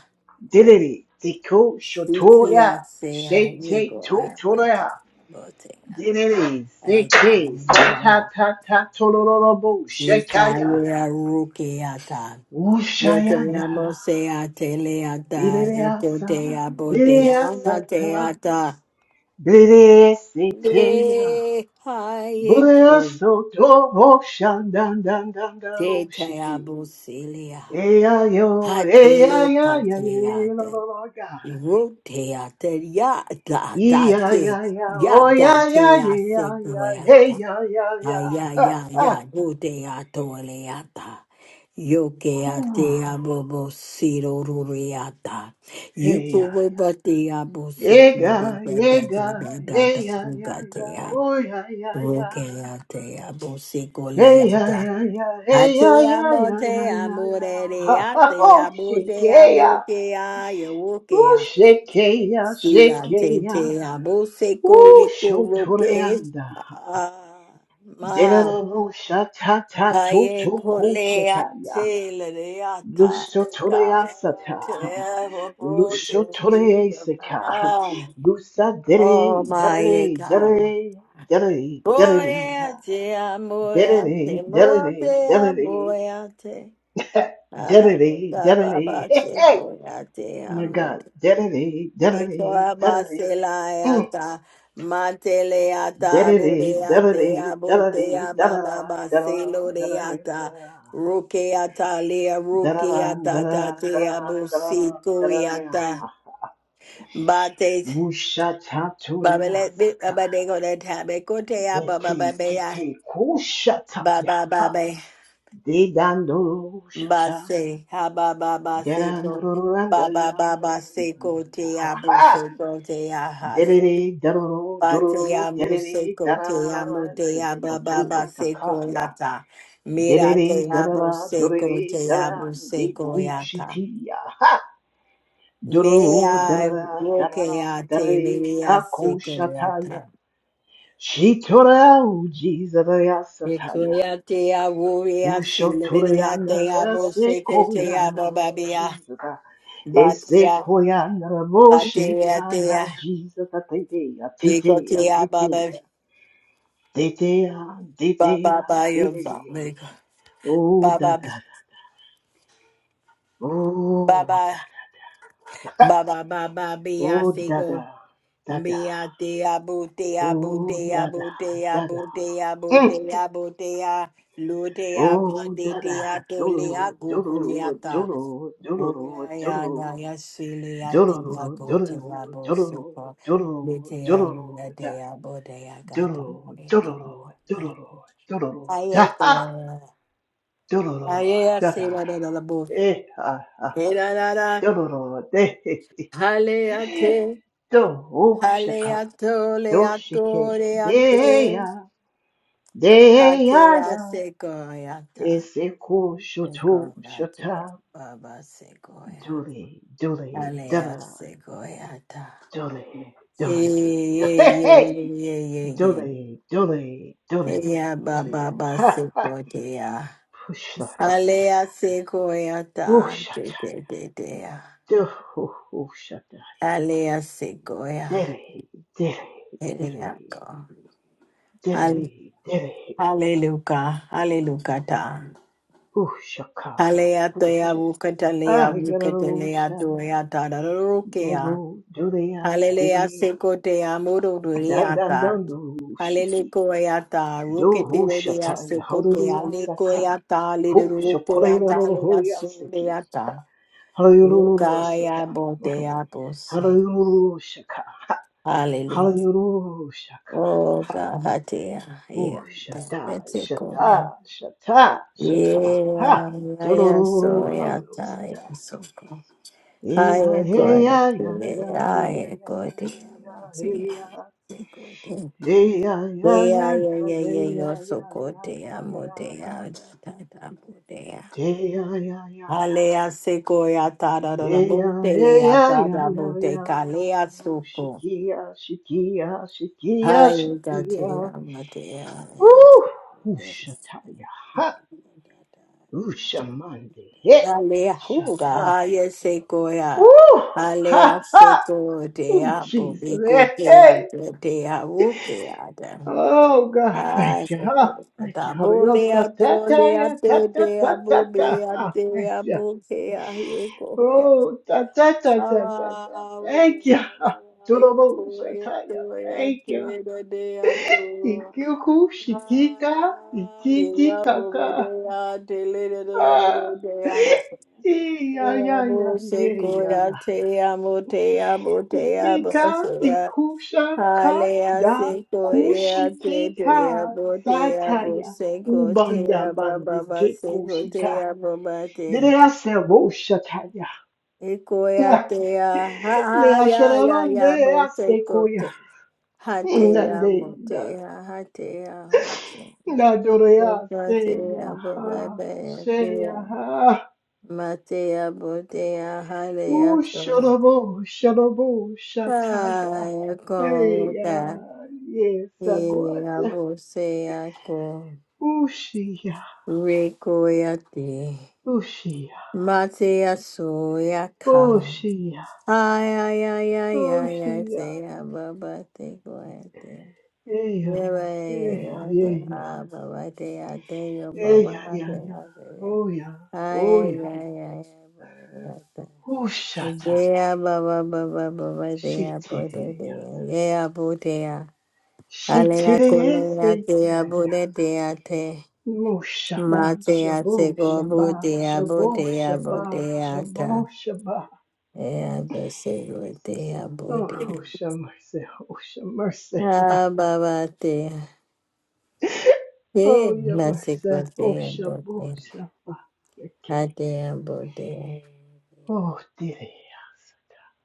[SPEAKER 2] Diddy, diko, shoto,
[SPEAKER 1] siti
[SPEAKER 2] ya.
[SPEAKER 1] ya se ya
[SPEAKER 2] Shete,
[SPEAKER 1] yego
[SPEAKER 2] to, to, la,
[SPEAKER 1] mate
[SPEAKER 2] ya.
[SPEAKER 1] bote
[SPEAKER 2] Diddy,
[SPEAKER 1] ya
[SPEAKER 2] seke, sa,
[SPEAKER 1] baba
[SPEAKER 2] ta,
[SPEAKER 1] la
[SPEAKER 2] ta, ta, to, lo, lo, lo, bo, sheka,
[SPEAKER 1] yeta
[SPEAKER 2] ya.
[SPEAKER 1] ya roke yata
[SPEAKER 2] Woo, sha, ya, ya.
[SPEAKER 1] Yotoyamo seate leata,
[SPEAKER 2] Biddy, ya, sa.
[SPEAKER 1] yokotea
[SPEAKER 2] Biddy,
[SPEAKER 1] botea
[SPEAKER 2] ya, sa, ta.
[SPEAKER 1] anateata.
[SPEAKER 2] Biddy, sete, ya.
[SPEAKER 1] Ye
[SPEAKER 2] Buddha
[SPEAKER 1] hayeku
[SPEAKER 2] soto bo shan dan dan dan da ushiki.
[SPEAKER 1] teteabo celia.
[SPEAKER 2] Eya yo, eya
[SPEAKER 1] Hatele
[SPEAKER 2] ya ya ya la la
[SPEAKER 1] pateate.
[SPEAKER 2] la ga.
[SPEAKER 1] Roteate yada da
[SPEAKER 2] Eya
[SPEAKER 1] te
[SPEAKER 2] ya ya, oh ya
[SPEAKER 1] yada
[SPEAKER 2] ya
[SPEAKER 1] te
[SPEAKER 2] ya ya ya, hey
[SPEAKER 1] asequata.
[SPEAKER 2] ya ya ya,
[SPEAKER 1] Aya
[SPEAKER 2] ha
[SPEAKER 1] ya
[SPEAKER 2] ha.
[SPEAKER 1] ya gute atoleata. Yoke
[SPEAKER 2] Whew.
[SPEAKER 1] ate abobo siro ruriata.
[SPEAKER 2] Hey
[SPEAKER 1] Yuko
[SPEAKER 2] ya ya,
[SPEAKER 1] webate abo siku de
[SPEAKER 2] ega
[SPEAKER 1] da da
[SPEAKER 2] ega,
[SPEAKER 1] da da da da
[SPEAKER 2] hey ya ya ya,
[SPEAKER 1] ugatea.
[SPEAKER 2] oh ya ya ya.
[SPEAKER 1] Roke ate abo siku
[SPEAKER 2] Hey ya
[SPEAKER 1] leata.
[SPEAKER 2] ya ya, hey ya
[SPEAKER 1] Ate
[SPEAKER 2] ya
[SPEAKER 1] amo
[SPEAKER 2] ya ya
[SPEAKER 1] te
[SPEAKER 2] ya ya,
[SPEAKER 1] amore
[SPEAKER 2] ha ha
[SPEAKER 1] reate
[SPEAKER 2] oh
[SPEAKER 1] abo te
[SPEAKER 2] shiki
[SPEAKER 1] abo ke a
[SPEAKER 2] Ooh,
[SPEAKER 1] yokea.
[SPEAKER 2] shekeya,
[SPEAKER 1] Sila te
[SPEAKER 2] shekeya.
[SPEAKER 1] te abo siku
[SPEAKER 2] Ooh,
[SPEAKER 1] le roke.
[SPEAKER 2] shotoreanda.
[SPEAKER 1] Ah, Ma.
[SPEAKER 2] Delaro shatata
[SPEAKER 1] Haye
[SPEAKER 2] toto
[SPEAKER 1] kule
[SPEAKER 2] koshataya.
[SPEAKER 1] ate lere ata ka
[SPEAKER 2] Lushotorea
[SPEAKER 1] te
[SPEAKER 2] sata.
[SPEAKER 1] hopo te
[SPEAKER 2] Lushotore seka.
[SPEAKER 1] yama.
[SPEAKER 2] Lusa dere,
[SPEAKER 1] Oh my
[SPEAKER 2] dere,
[SPEAKER 1] God.
[SPEAKER 2] dere, dere,
[SPEAKER 1] Boy
[SPEAKER 2] dere.
[SPEAKER 1] ate amoy
[SPEAKER 2] Dere,
[SPEAKER 1] ate mote
[SPEAKER 2] dere, dere,
[SPEAKER 1] amoy ate. Haye
[SPEAKER 2] dere, dere.
[SPEAKER 1] kababa
[SPEAKER 2] Hey,
[SPEAKER 1] te
[SPEAKER 2] hey.
[SPEAKER 1] boy
[SPEAKER 2] My God.
[SPEAKER 1] ate
[SPEAKER 2] Dere, dere, dere.
[SPEAKER 1] Ikoabaseleata, mateleata,
[SPEAKER 2] Diddity,
[SPEAKER 1] bureatea,
[SPEAKER 2] diddity, diddity,
[SPEAKER 1] botea,
[SPEAKER 2] da-da-da, da-da-da, da-da-da, da-da-da,
[SPEAKER 1] bababaseloreata, rukeata, lea, rukeata,
[SPEAKER 2] da-da-da,
[SPEAKER 1] tatea,
[SPEAKER 2] da-da-da, da-da-da, da-da-da.
[SPEAKER 1] busikuiata, bate, babele, babadego, that habe, kotea,
[SPEAKER 2] deki,
[SPEAKER 1] babababea,
[SPEAKER 2] kiki, kushataya,
[SPEAKER 1] babababe,
[SPEAKER 2] didandu, shata,
[SPEAKER 1] base, habababaseko,
[SPEAKER 2] didandu,
[SPEAKER 1] babababaseko, tea,
[SPEAKER 2] ha, ha,
[SPEAKER 1] buseko, tea, hase.
[SPEAKER 2] diddity, diddle,
[SPEAKER 1] Ba te
[SPEAKER 2] diddle,
[SPEAKER 1] amo
[SPEAKER 2] diddity,
[SPEAKER 1] seco,
[SPEAKER 2] da-da-da,
[SPEAKER 1] te amo,
[SPEAKER 2] da-da-da,
[SPEAKER 1] te
[SPEAKER 2] di,
[SPEAKER 1] amo, baba seco
[SPEAKER 2] takaya.
[SPEAKER 1] yata. Mira
[SPEAKER 2] Derere,
[SPEAKER 1] te amo
[SPEAKER 2] darara,
[SPEAKER 1] seco,
[SPEAKER 2] dorere,
[SPEAKER 1] te amo
[SPEAKER 2] darara, de
[SPEAKER 1] seco yata.
[SPEAKER 2] kushitia.
[SPEAKER 1] Me
[SPEAKER 2] Dororo,
[SPEAKER 1] I
[SPEAKER 2] darara,
[SPEAKER 1] woke
[SPEAKER 2] darara,
[SPEAKER 1] yate,
[SPEAKER 2] darare,
[SPEAKER 1] liria
[SPEAKER 2] kako
[SPEAKER 1] seco yata.
[SPEAKER 2] shataya. Shitora uji zaraya sataya.
[SPEAKER 1] Ekoya te amo, ya si,
[SPEAKER 2] Usho tore
[SPEAKER 1] liria te
[SPEAKER 2] angraya
[SPEAKER 1] amo seco, te
[SPEAKER 2] sekoya
[SPEAKER 1] amo, babia.
[SPEAKER 2] Jesus. Ese
[SPEAKER 1] Batia,
[SPEAKER 2] koya narabo
[SPEAKER 1] batia,
[SPEAKER 2] shetaya
[SPEAKER 1] tea.
[SPEAKER 2] Jesus. Atetea,
[SPEAKER 1] Eko
[SPEAKER 2] atetea,
[SPEAKER 1] te amo,
[SPEAKER 2] atetea. Detea,
[SPEAKER 1] baba, baba,
[SPEAKER 2] detea, detea. Oh, da
[SPEAKER 1] baba, baba,
[SPEAKER 2] da da. Oh,
[SPEAKER 1] baba,
[SPEAKER 2] da da.
[SPEAKER 1] Ba ba ba ba be I
[SPEAKER 2] Oh,
[SPEAKER 1] say
[SPEAKER 2] dada,
[SPEAKER 1] go
[SPEAKER 2] dada.
[SPEAKER 1] be I te abu te abu
[SPEAKER 2] Oh,
[SPEAKER 1] te
[SPEAKER 2] dada,
[SPEAKER 1] abu te
[SPEAKER 2] dada.
[SPEAKER 1] abu te abu
[SPEAKER 2] Mm.
[SPEAKER 1] te abu te a lu te abu
[SPEAKER 2] Oh,
[SPEAKER 1] te te a
[SPEAKER 2] dada,
[SPEAKER 1] to le a
[SPEAKER 2] doodle,
[SPEAKER 1] gu gu le a
[SPEAKER 2] doodle,
[SPEAKER 1] ta
[SPEAKER 2] doodle,
[SPEAKER 1] wo
[SPEAKER 2] doodle,
[SPEAKER 1] ya ya ya
[SPEAKER 2] doodle,
[SPEAKER 1] ya si le a ti ma
[SPEAKER 2] doodle,
[SPEAKER 1] go te ma
[SPEAKER 2] doodle,
[SPEAKER 1] bo se
[SPEAKER 2] doodle,
[SPEAKER 1] ko le
[SPEAKER 2] doodle,
[SPEAKER 1] te a mu le
[SPEAKER 2] doodle,
[SPEAKER 1] te
[SPEAKER 2] da,
[SPEAKER 1] a bo te a ga ta ma
[SPEAKER 2] doodle,
[SPEAKER 1] le ko
[SPEAKER 2] doodle,
[SPEAKER 1] ya
[SPEAKER 2] doodle, doodle,
[SPEAKER 1] ai
[SPEAKER 2] da,
[SPEAKER 1] ai ko
[SPEAKER 2] ha, doodle,
[SPEAKER 1] ai ai a
[SPEAKER 2] da,
[SPEAKER 1] se la
[SPEAKER 2] da,
[SPEAKER 1] la la la bo
[SPEAKER 2] eh, ha, ha,
[SPEAKER 1] te la la la
[SPEAKER 2] doodle, de,
[SPEAKER 1] hale a
[SPEAKER 2] he,
[SPEAKER 1] te
[SPEAKER 2] do, oh, shaka,
[SPEAKER 1] Aleatole
[SPEAKER 2] do, shike,
[SPEAKER 1] atore
[SPEAKER 2] de,
[SPEAKER 1] ate
[SPEAKER 2] ya, de,
[SPEAKER 1] ate
[SPEAKER 2] ya, ya.
[SPEAKER 1] asegoyata.
[SPEAKER 2] Eseko shoto
[SPEAKER 1] Segoyate
[SPEAKER 2] shota
[SPEAKER 1] baba segoya.
[SPEAKER 2] dule dule
[SPEAKER 1] Alea
[SPEAKER 2] dula
[SPEAKER 1] segoyata.
[SPEAKER 2] dule
[SPEAKER 1] Ye
[SPEAKER 2] dule
[SPEAKER 1] ye ye
[SPEAKER 2] dule
[SPEAKER 1] ye ye ye.
[SPEAKER 2] dule dule
[SPEAKER 1] ye.
[SPEAKER 2] dule
[SPEAKER 1] Ya baba
[SPEAKER 2] dule ha ha
[SPEAKER 1] basegoya.
[SPEAKER 2] pushla basaka
[SPEAKER 1] Alea segoyata. De
[SPEAKER 2] ushata
[SPEAKER 1] de de dea.
[SPEAKER 2] duhu ushata
[SPEAKER 1] Alea segoya.
[SPEAKER 2] dere dere dere
[SPEAKER 1] Elea go.
[SPEAKER 2] dere dere
[SPEAKER 1] Hallelujah. Hallelujah.
[SPEAKER 2] ushakaya
[SPEAKER 1] Hallelujah,
[SPEAKER 2] usha
[SPEAKER 1] Wukatalea, Wukatalea,
[SPEAKER 2] agarusha
[SPEAKER 1] Doya, Tadarokea.
[SPEAKER 2] dego dulea
[SPEAKER 1] Hallelujah,
[SPEAKER 2] dege
[SPEAKER 1] Sekotea,
[SPEAKER 2] dan dan
[SPEAKER 1] Mururiata.
[SPEAKER 2] dan ushiki
[SPEAKER 1] Hallelujah,
[SPEAKER 2] Dohu
[SPEAKER 1] Ruketea,
[SPEAKER 2] Shatai,
[SPEAKER 1] Sekotea,
[SPEAKER 2] Hallelujah Saka,
[SPEAKER 1] Lekoyata,
[SPEAKER 2] Hook
[SPEAKER 1] Lidurukea,
[SPEAKER 2] Shokorela no
[SPEAKER 1] Lea,
[SPEAKER 2] Hoya Siki,
[SPEAKER 1] Sudeata.
[SPEAKER 2] Hallelujah
[SPEAKER 1] Rukaya,
[SPEAKER 2] Sika,
[SPEAKER 1] Botea, Bose.
[SPEAKER 2] Hallelujah Shaka,
[SPEAKER 1] Hallelujah.
[SPEAKER 2] Hallelujah
[SPEAKER 1] Oh,
[SPEAKER 2] Shaka,
[SPEAKER 1] God, Hatea,
[SPEAKER 2] Oh
[SPEAKER 1] yeah.
[SPEAKER 2] Shata,
[SPEAKER 1] That's it,
[SPEAKER 2] Shata, Shata, Shata, Ha,
[SPEAKER 1] Yeah, yeah, so,
[SPEAKER 2] Dororo
[SPEAKER 1] yeah,
[SPEAKER 2] Hallelujah
[SPEAKER 1] yeah,
[SPEAKER 2] Saka,
[SPEAKER 1] so,
[SPEAKER 2] Eya,
[SPEAKER 1] Higher God,
[SPEAKER 2] Eya, Eya, Eya,
[SPEAKER 1] higher God, yeah,
[SPEAKER 2] Eya, Eya, Eya,
[SPEAKER 1] yeah,
[SPEAKER 2] Eya,
[SPEAKER 1] yeah,
[SPEAKER 2] Eya,
[SPEAKER 1] yeah,
[SPEAKER 2] Eya,
[SPEAKER 1] you're so good,
[SPEAKER 2] Eya,
[SPEAKER 1] yeah, more,
[SPEAKER 2] Eya,
[SPEAKER 1] yeah, da, da, more, yeah.
[SPEAKER 2] Hey ya ya ya ya,
[SPEAKER 1] Alea sequoia tada da da
[SPEAKER 2] hey ya
[SPEAKER 1] bote
[SPEAKER 2] hey
[SPEAKER 1] lea
[SPEAKER 2] ya ya
[SPEAKER 1] tada
[SPEAKER 2] ya
[SPEAKER 1] bote
[SPEAKER 2] ya ya,
[SPEAKER 1] calea
[SPEAKER 2] oh
[SPEAKER 1] supo.
[SPEAKER 2] shikia shikia shikia
[SPEAKER 1] Hai
[SPEAKER 2] shika,
[SPEAKER 1] gatea matea.
[SPEAKER 2] ooh ushata ya ha, ushamande he,
[SPEAKER 1] Alehuga
[SPEAKER 2] shata,
[SPEAKER 1] haya sequoia.
[SPEAKER 2] ooh ha
[SPEAKER 1] Alea
[SPEAKER 2] ha,
[SPEAKER 1] seco de
[SPEAKER 2] oh Jesus,
[SPEAKER 1] abobico
[SPEAKER 2] hey,
[SPEAKER 1] de
[SPEAKER 2] hey,
[SPEAKER 1] ade de abukeada.
[SPEAKER 2] oh God,
[SPEAKER 1] Ay,
[SPEAKER 2] thank you, huh?
[SPEAKER 1] sequoia.
[SPEAKER 2] Thank
[SPEAKER 1] Da
[SPEAKER 2] you, Holy Ghost,
[SPEAKER 1] bolea
[SPEAKER 2] ta ta
[SPEAKER 1] tolea
[SPEAKER 2] ya ta
[SPEAKER 1] te
[SPEAKER 2] ta
[SPEAKER 1] de
[SPEAKER 2] ta ta ta,
[SPEAKER 1] abobea
[SPEAKER 2] ha,
[SPEAKER 1] te
[SPEAKER 2] thank you.
[SPEAKER 1] abokea yecoia.
[SPEAKER 2] Oh, ta ta ta ta ta ta.
[SPEAKER 1] Ah,
[SPEAKER 2] Thank you. Turobo
[SPEAKER 1] yecoia
[SPEAKER 2] Shataya.
[SPEAKER 1] toya
[SPEAKER 2] Thank you.
[SPEAKER 1] te de ato.
[SPEAKER 2] Ikyoku Shikika
[SPEAKER 1] Ah,
[SPEAKER 2] Ikiki
[SPEAKER 1] yeah, bobe
[SPEAKER 2] Kaka.
[SPEAKER 1] de ate le de
[SPEAKER 2] Ah.
[SPEAKER 1] de
[SPEAKER 2] Iya ya ya
[SPEAKER 1] Abuse
[SPEAKER 2] ya ya.
[SPEAKER 1] koya te amo te amo te amo
[SPEAKER 2] Ikika
[SPEAKER 1] seya.
[SPEAKER 2] Ikusha Ka
[SPEAKER 1] Halea
[SPEAKER 2] Da
[SPEAKER 1] se koya te te
[SPEAKER 2] Kushikika
[SPEAKER 1] amo te amo
[SPEAKER 2] Sataya.
[SPEAKER 1] se
[SPEAKER 2] Ubanda
[SPEAKER 1] baba
[SPEAKER 2] Bandike
[SPEAKER 1] se ko te
[SPEAKER 2] Kushika. Dere Ase Wo Shataya. Le
[SPEAKER 1] Ekoya te a ha ha ya ya ya
[SPEAKER 2] Asheravande
[SPEAKER 1] bo se
[SPEAKER 2] Ase
[SPEAKER 1] ko
[SPEAKER 2] Koya.
[SPEAKER 1] te. Ha te amo
[SPEAKER 2] Nalinda,
[SPEAKER 1] te ha ha te a ho
[SPEAKER 2] Nadorea, Seyaha, Seyaha,
[SPEAKER 1] Matea botea halea
[SPEAKER 2] U
[SPEAKER 1] son.
[SPEAKER 2] Shorobo, Shorobo, Shataya,
[SPEAKER 1] Saya kota
[SPEAKER 2] Eya,
[SPEAKER 1] ia
[SPEAKER 2] Yesagwad,
[SPEAKER 1] bose ako
[SPEAKER 2] Ushia,
[SPEAKER 1] reko ya te
[SPEAKER 2] Ushia,
[SPEAKER 1] Sayakota, Yaboseako, Rekoyate, Mateasoyaka.
[SPEAKER 2] Oshia,
[SPEAKER 1] Ay, ay, ay, ay, ay, ay, say,
[SPEAKER 2] Oshia,
[SPEAKER 1] Ababa, take away.
[SPEAKER 2] Eya,
[SPEAKER 1] Ababa, ya
[SPEAKER 2] Eya, Eya,
[SPEAKER 1] away, your Baba,
[SPEAKER 2] Eya,
[SPEAKER 1] take
[SPEAKER 2] Eya,
[SPEAKER 1] away.
[SPEAKER 2] Oya,
[SPEAKER 1] Ay, ay,
[SPEAKER 2] Oya,
[SPEAKER 1] ay, ay, ay, Baba,
[SPEAKER 2] Ushata,
[SPEAKER 1] Dea baba baba baba dea ya dea te te
[SPEAKER 2] Shitiria,
[SPEAKER 1] ye ya. po te ya Alea colea tea
[SPEAKER 2] Shitiria,
[SPEAKER 1] budetea te.
[SPEAKER 2] Mo Shabbat,
[SPEAKER 1] Matea
[SPEAKER 2] Shabo,
[SPEAKER 1] seco
[SPEAKER 2] Shabbat,
[SPEAKER 1] budea
[SPEAKER 2] Shabo,
[SPEAKER 1] budea
[SPEAKER 2] Shabbat, Shabo,
[SPEAKER 1] budeata.
[SPEAKER 2] Shabbat.
[SPEAKER 1] Ea busegotea
[SPEAKER 2] Oh,
[SPEAKER 1] budea.
[SPEAKER 2] Osha mercy, Osha mercy. Ah,
[SPEAKER 1] Ah, babatea.
[SPEAKER 2] oh,
[SPEAKER 1] Eh,
[SPEAKER 2] your mercy,
[SPEAKER 1] masecotea
[SPEAKER 2] Osha, Bo,
[SPEAKER 1] budea.
[SPEAKER 2] Shabbat, okay.
[SPEAKER 1] Atea budea.
[SPEAKER 2] Oh, dear.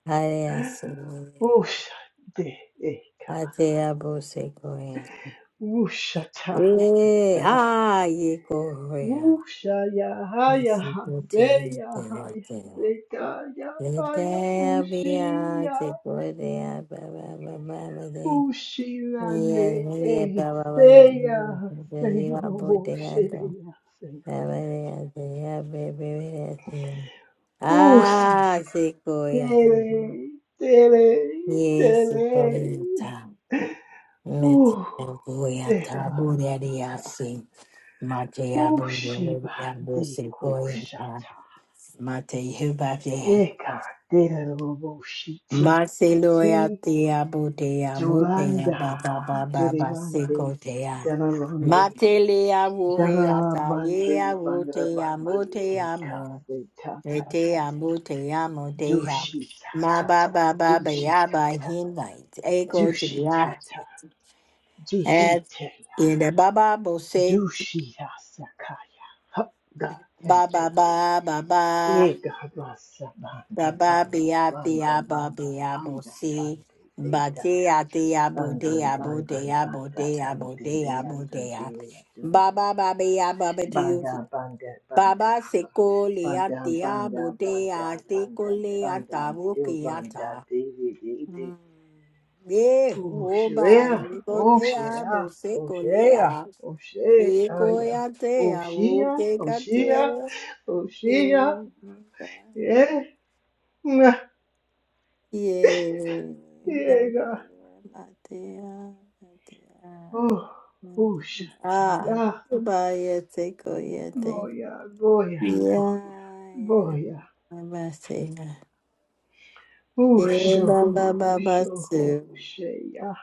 [SPEAKER 1] Alea segoia.
[SPEAKER 2] Osha, dear.
[SPEAKER 1] Atea busegoia.
[SPEAKER 2] Wusha, ta,
[SPEAKER 1] Eh,
[SPEAKER 2] dear.
[SPEAKER 1] ha, ye cohoia.
[SPEAKER 2] Wusha, ya, Haya ya, ha, se,
[SPEAKER 1] Masecotea.
[SPEAKER 2] ya, ha, ya,
[SPEAKER 1] budeatea.
[SPEAKER 2] se, ka, ya,
[SPEAKER 1] Tabia chekudea baba baba bade.
[SPEAKER 2] Ushila ne
[SPEAKER 1] Yes, mulia
[SPEAKER 2] e
[SPEAKER 1] baba bade.
[SPEAKER 2] seya seyo
[SPEAKER 1] Jariwa bote yato.
[SPEAKER 2] boshila se.
[SPEAKER 1] Baba de yate ya bebe de yate.
[SPEAKER 2] Use
[SPEAKER 1] Ah, sekuya.
[SPEAKER 2] tere tere
[SPEAKER 1] Yesu
[SPEAKER 2] tere.
[SPEAKER 1] kamita. Meti
[SPEAKER 2] Uh
[SPEAKER 1] yabuya
[SPEAKER 2] dera
[SPEAKER 1] tabuya
[SPEAKER 2] saka.
[SPEAKER 1] diyasi. Mate yabuya
[SPEAKER 2] Ushiba
[SPEAKER 1] diyabo
[SPEAKER 2] de
[SPEAKER 1] sekuya.
[SPEAKER 2] kushata.
[SPEAKER 1] Mate yubafi.
[SPEAKER 2] Eka dera robo shiti siti.
[SPEAKER 1] Basiloya tia budea mudea
[SPEAKER 2] Jolanda
[SPEAKER 1] baba baba
[SPEAKER 2] juribande.
[SPEAKER 1] basikotea.
[SPEAKER 2] Danalonde.
[SPEAKER 1] Matelea wuhea
[SPEAKER 2] Dara bande
[SPEAKER 1] taia
[SPEAKER 2] bandra
[SPEAKER 1] wutea
[SPEAKER 2] bande
[SPEAKER 1] mutea
[SPEAKER 2] eka
[SPEAKER 1] mo.
[SPEAKER 2] se ta ta ta
[SPEAKER 1] Retea mutea mutea.
[SPEAKER 2] dushi ta
[SPEAKER 1] Ma
[SPEAKER 2] sa sa
[SPEAKER 1] baba baba
[SPEAKER 2] dushi ta
[SPEAKER 1] yaba
[SPEAKER 2] ta
[SPEAKER 1] hinite. Ego
[SPEAKER 2] dushi
[SPEAKER 1] jia.
[SPEAKER 2] ta ta Dishi
[SPEAKER 1] As
[SPEAKER 2] te ya
[SPEAKER 1] in the baba bose
[SPEAKER 2] dushi ya sa kaya ha ga thank
[SPEAKER 1] baba
[SPEAKER 2] you
[SPEAKER 1] baba baba.
[SPEAKER 2] ega basa
[SPEAKER 1] Ba
[SPEAKER 2] bande
[SPEAKER 1] ba
[SPEAKER 2] bande
[SPEAKER 1] bia bia
[SPEAKER 2] bande
[SPEAKER 1] ba
[SPEAKER 2] bande
[SPEAKER 1] bia bo
[SPEAKER 2] bande
[SPEAKER 1] si
[SPEAKER 2] bande
[SPEAKER 1] ba
[SPEAKER 2] beta
[SPEAKER 1] dia dia bo
[SPEAKER 2] bande
[SPEAKER 1] dia bo
[SPEAKER 2] bande
[SPEAKER 1] dia bo
[SPEAKER 2] banda
[SPEAKER 1] dia
[SPEAKER 2] du
[SPEAKER 1] bo dia
[SPEAKER 2] de ya
[SPEAKER 1] bo
[SPEAKER 2] du
[SPEAKER 1] dia
[SPEAKER 2] de ya du
[SPEAKER 1] ba ba
[SPEAKER 2] de
[SPEAKER 1] ba bia ba ba to you
[SPEAKER 2] Banda, banda,
[SPEAKER 1] Baba ba se
[SPEAKER 2] banda,
[SPEAKER 1] ko le a
[SPEAKER 2] banda,
[SPEAKER 1] dia bo
[SPEAKER 2] banda,
[SPEAKER 1] dia
[SPEAKER 2] banda,
[SPEAKER 1] se ko
[SPEAKER 2] banda,
[SPEAKER 1] le a ta
[SPEAKER 2] banda,
[SPEAKER 1] bo
[SPEAKER 2] do
[SPEAKER 1] ki a ta
[SPEAKER 2] banda, dee, dee, dee, dee.
[SPEAKER 1] Mm. ye
[SPEAKER 2] Oh,
[SPEAKER 1] wo ba
[SPEAKER 2] Shreya,
[SPEAKER 1] ni bo
[SPEAKER 2] oh,
[SPEAKER 1] dia bo
[SPEAKER 2] Shreya,
[SPEAKER 1] se
[SPEAKER 2] oh,
[SPEAKER 1] ko le
[SPEAKER 2] Shreya,
[SPEAKER 1] a
[SPEAKER 2] oh,
[SPEAKER 1] ye ko
[SPEAKER 2] Shreya,
[SPEAKER 1] ya te
[SPEAKER 2] oh,
[SPEAKER 1] a wo
[SPEAKER 2] Shia,
[SPEAKER 1] ke
[SPEAKER 2] oh,
[SPEAKER 1] ka
[SPEAKER 2] Shia, oh, Shia, yeah, mwah,
[SPEAKER 1] Yeah, my dear,
[SPEAKER 2] yeah, God.
[SPEAKER 1] my dear, my dear,
[SPEAKER 2] oh,
[SPEAKER 1] my
[SPEAKER 2] oh,
[SPEAKER 1] dear. Ah,
[SPEAKER 2] Shataya,
[SPEAKER 1] Bayeteko yete. go yete.
[SPEAKER 2] Boya, Boya,
[SPEAKER 1] Yeah,
[SPEAKER 2] Boya,
[SPEAKER 1] I'm saying.
[SPEAKER 2] oh,
[SPEAKER 1] Yeah, Baba
[SPEAKER 2] Shohu,
[SPEAKER 1] Baba
[SPEAKER 2] Shohu,
[SPEAKER 1] too.
[SPEAKER 2] Shea.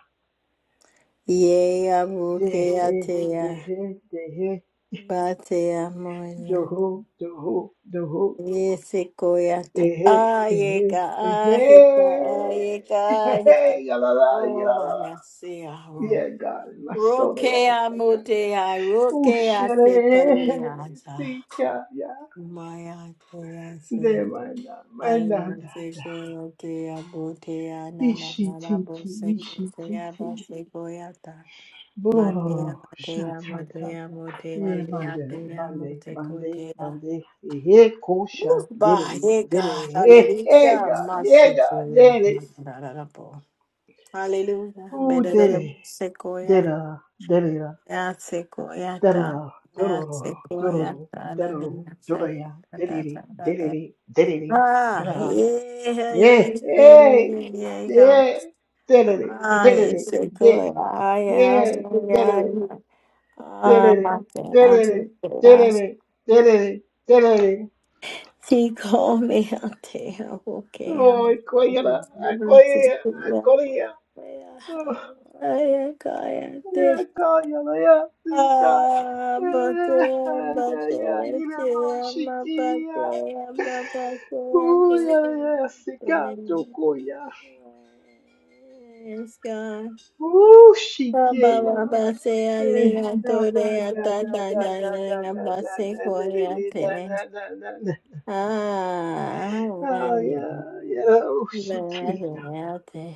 [SPEAKER 1] Yeah, Abuke
[SPEAKER 2] Dehe,
[SPEAKER 1] Atea.
[SPEAKER 2] dehe, dehe,
[SPEAKER 1] Batea Moya.
[SPEAKER 2] doho, doho, doho,
[SPEAKER 1] Yesekoyata.
[SPEAKER 2] ehe,
[SPEAKER 1] Ah,
[SPEAKER 2] ehe,
[SPEAKER 1] Yega,
[SPEAKER 2] ehe,
[SPEAKER 1] Ah, Hita, Ah, Yega, Hita.
[SPEAKER 2] ehe, yalala,
[SPEAKER 1] Oh, my,
[SPEAKER 2] yalala.
[SPEAKER 1] I see.
[SPEAKER 2] Yeah, God, my soul,
[SPEAKER 1] Rokea
[SPEAKER 2] yasaka.
[SPEAKER 1] motea, rokea sekalea.
[SPEAKER 2] Ushere, sika, ya.
[SPEAKER 1] Maya tea
[SPEAKER 2] De
[SPEAKER 1] se.
[SPEAKER 2] mana, mana,
[SPEAKER 1] Alina
[SPEAKER 2] da,
[SPEAKER 1] se
[SPEAKER 2] da.
[SPEAKER 1] tea botea nana
[SPEAKER 2] Ishi,
[SPEAKER 1] nana
[SPEAKER 2] titi,
[SPEAKER 1] bose
[SPEAKER 2] ishi,
[SPEAKER 1] kotea
[SPEAKER 2] titi.
[SPEAKER 1] bose Matea
[SPEAKER 2] Bloro,
[SPEAKER 1] matea
[SPEAKER 2] shatata.
[SPEAKER 1] motea motea
[SPEAKER 2] Eh, Bande,
[SPEAKER 1] leatea
[SPEAKER 2] Bande,
[SPEAKER 1] mote
[SPEAKER 2] Bande,
[SPEAKER 1] kotea.
[SPEAKER 2] Bande, eh, eh,
[SPEAKER 1] Woo,
[SPEAKER 2] Kosha, did it,
[SPEAKER 1] Bahega,
[SPEAKER 2] did it, eh, eh,
[SPEAKER 1] hallelujah,
[SPEAKER 2] God, yeah, God,
[SPEAKER 1] masekoya,
[SPEAKER 2] did it,
[SPEAKER 1] hallelujah,
[SPEAKER 2] ooh,
[SPEAKER 1] better
[SPEAKER 2] did
[SPEAKER 1] than the
[SPEAKER 2] it,
[SPEAKER 1] sequoia.
[SPEAKER 2] did it, did it, did
[SPEAKER 1] Yatsekoyata,
[SPEAKER 2] it, dororo, dororo,
[SPEAKER 1] yatsekoyata,
[SPEAKER 2] dororo,
[SPEAKER 1] dadayata,
[SPEAKER 2] doraya, did it, did
[SPEAKER 1] dadadadada.
[SPEAKER 2] it, did it, did
[SPEAKER 1] Ah,
[SPEAKER 2] it,
[SPEAKER 1] yeah, yeah, yeah,
[SPEAKER 2] yeah,
[SPEAKER 1] yeah,
[SPEAKER 2] eh,
[SPEAKER 1] yeah, yeah.
[SPEAKER 2] yeah, did it,
[SPEAKER 1] Ah,
[SPEAKER 2] did it, did,
[SPEAKER 1] yatsekoya,
[SPEAKER 2] yeah, did it,
[SPEAKER 1] hallelujah.
[SPEAKER 2] did it, did it, did it, did
[SPEAKER 1] Ah, mate, amteya.
[SPEAKER 2] it, did it, did it,
[SPEAKER 1] Siko me amteya, okay, am.
[SPEAKER 2] Ay, cóllala, ay, cóllala, ay, cóllala.
[SPEAKER 1] Yatsekoyata,
[SPEAKER 2] Ya, cóllala, ya,
[SPEAKER 1] Yes,
[SPEAKER 2] chica.
[SPEAKER 1] God.
[SPEAKER 2] Ay, ay, ay, yine bu şikiya. Uy, ay, ay, sika, tokoya. Uy,
[SPEAKER 1] Ah,
[SPEAKER 2] şikiya.
[SPEAKER 1] Verde,
[SPEAKER 2] Eh, la, la, la, la, la, la, la, la, la, la, la, la, la, la, la, la. Ay, ay, ay, uy, şikiya.
[SPEAKER 1] verde.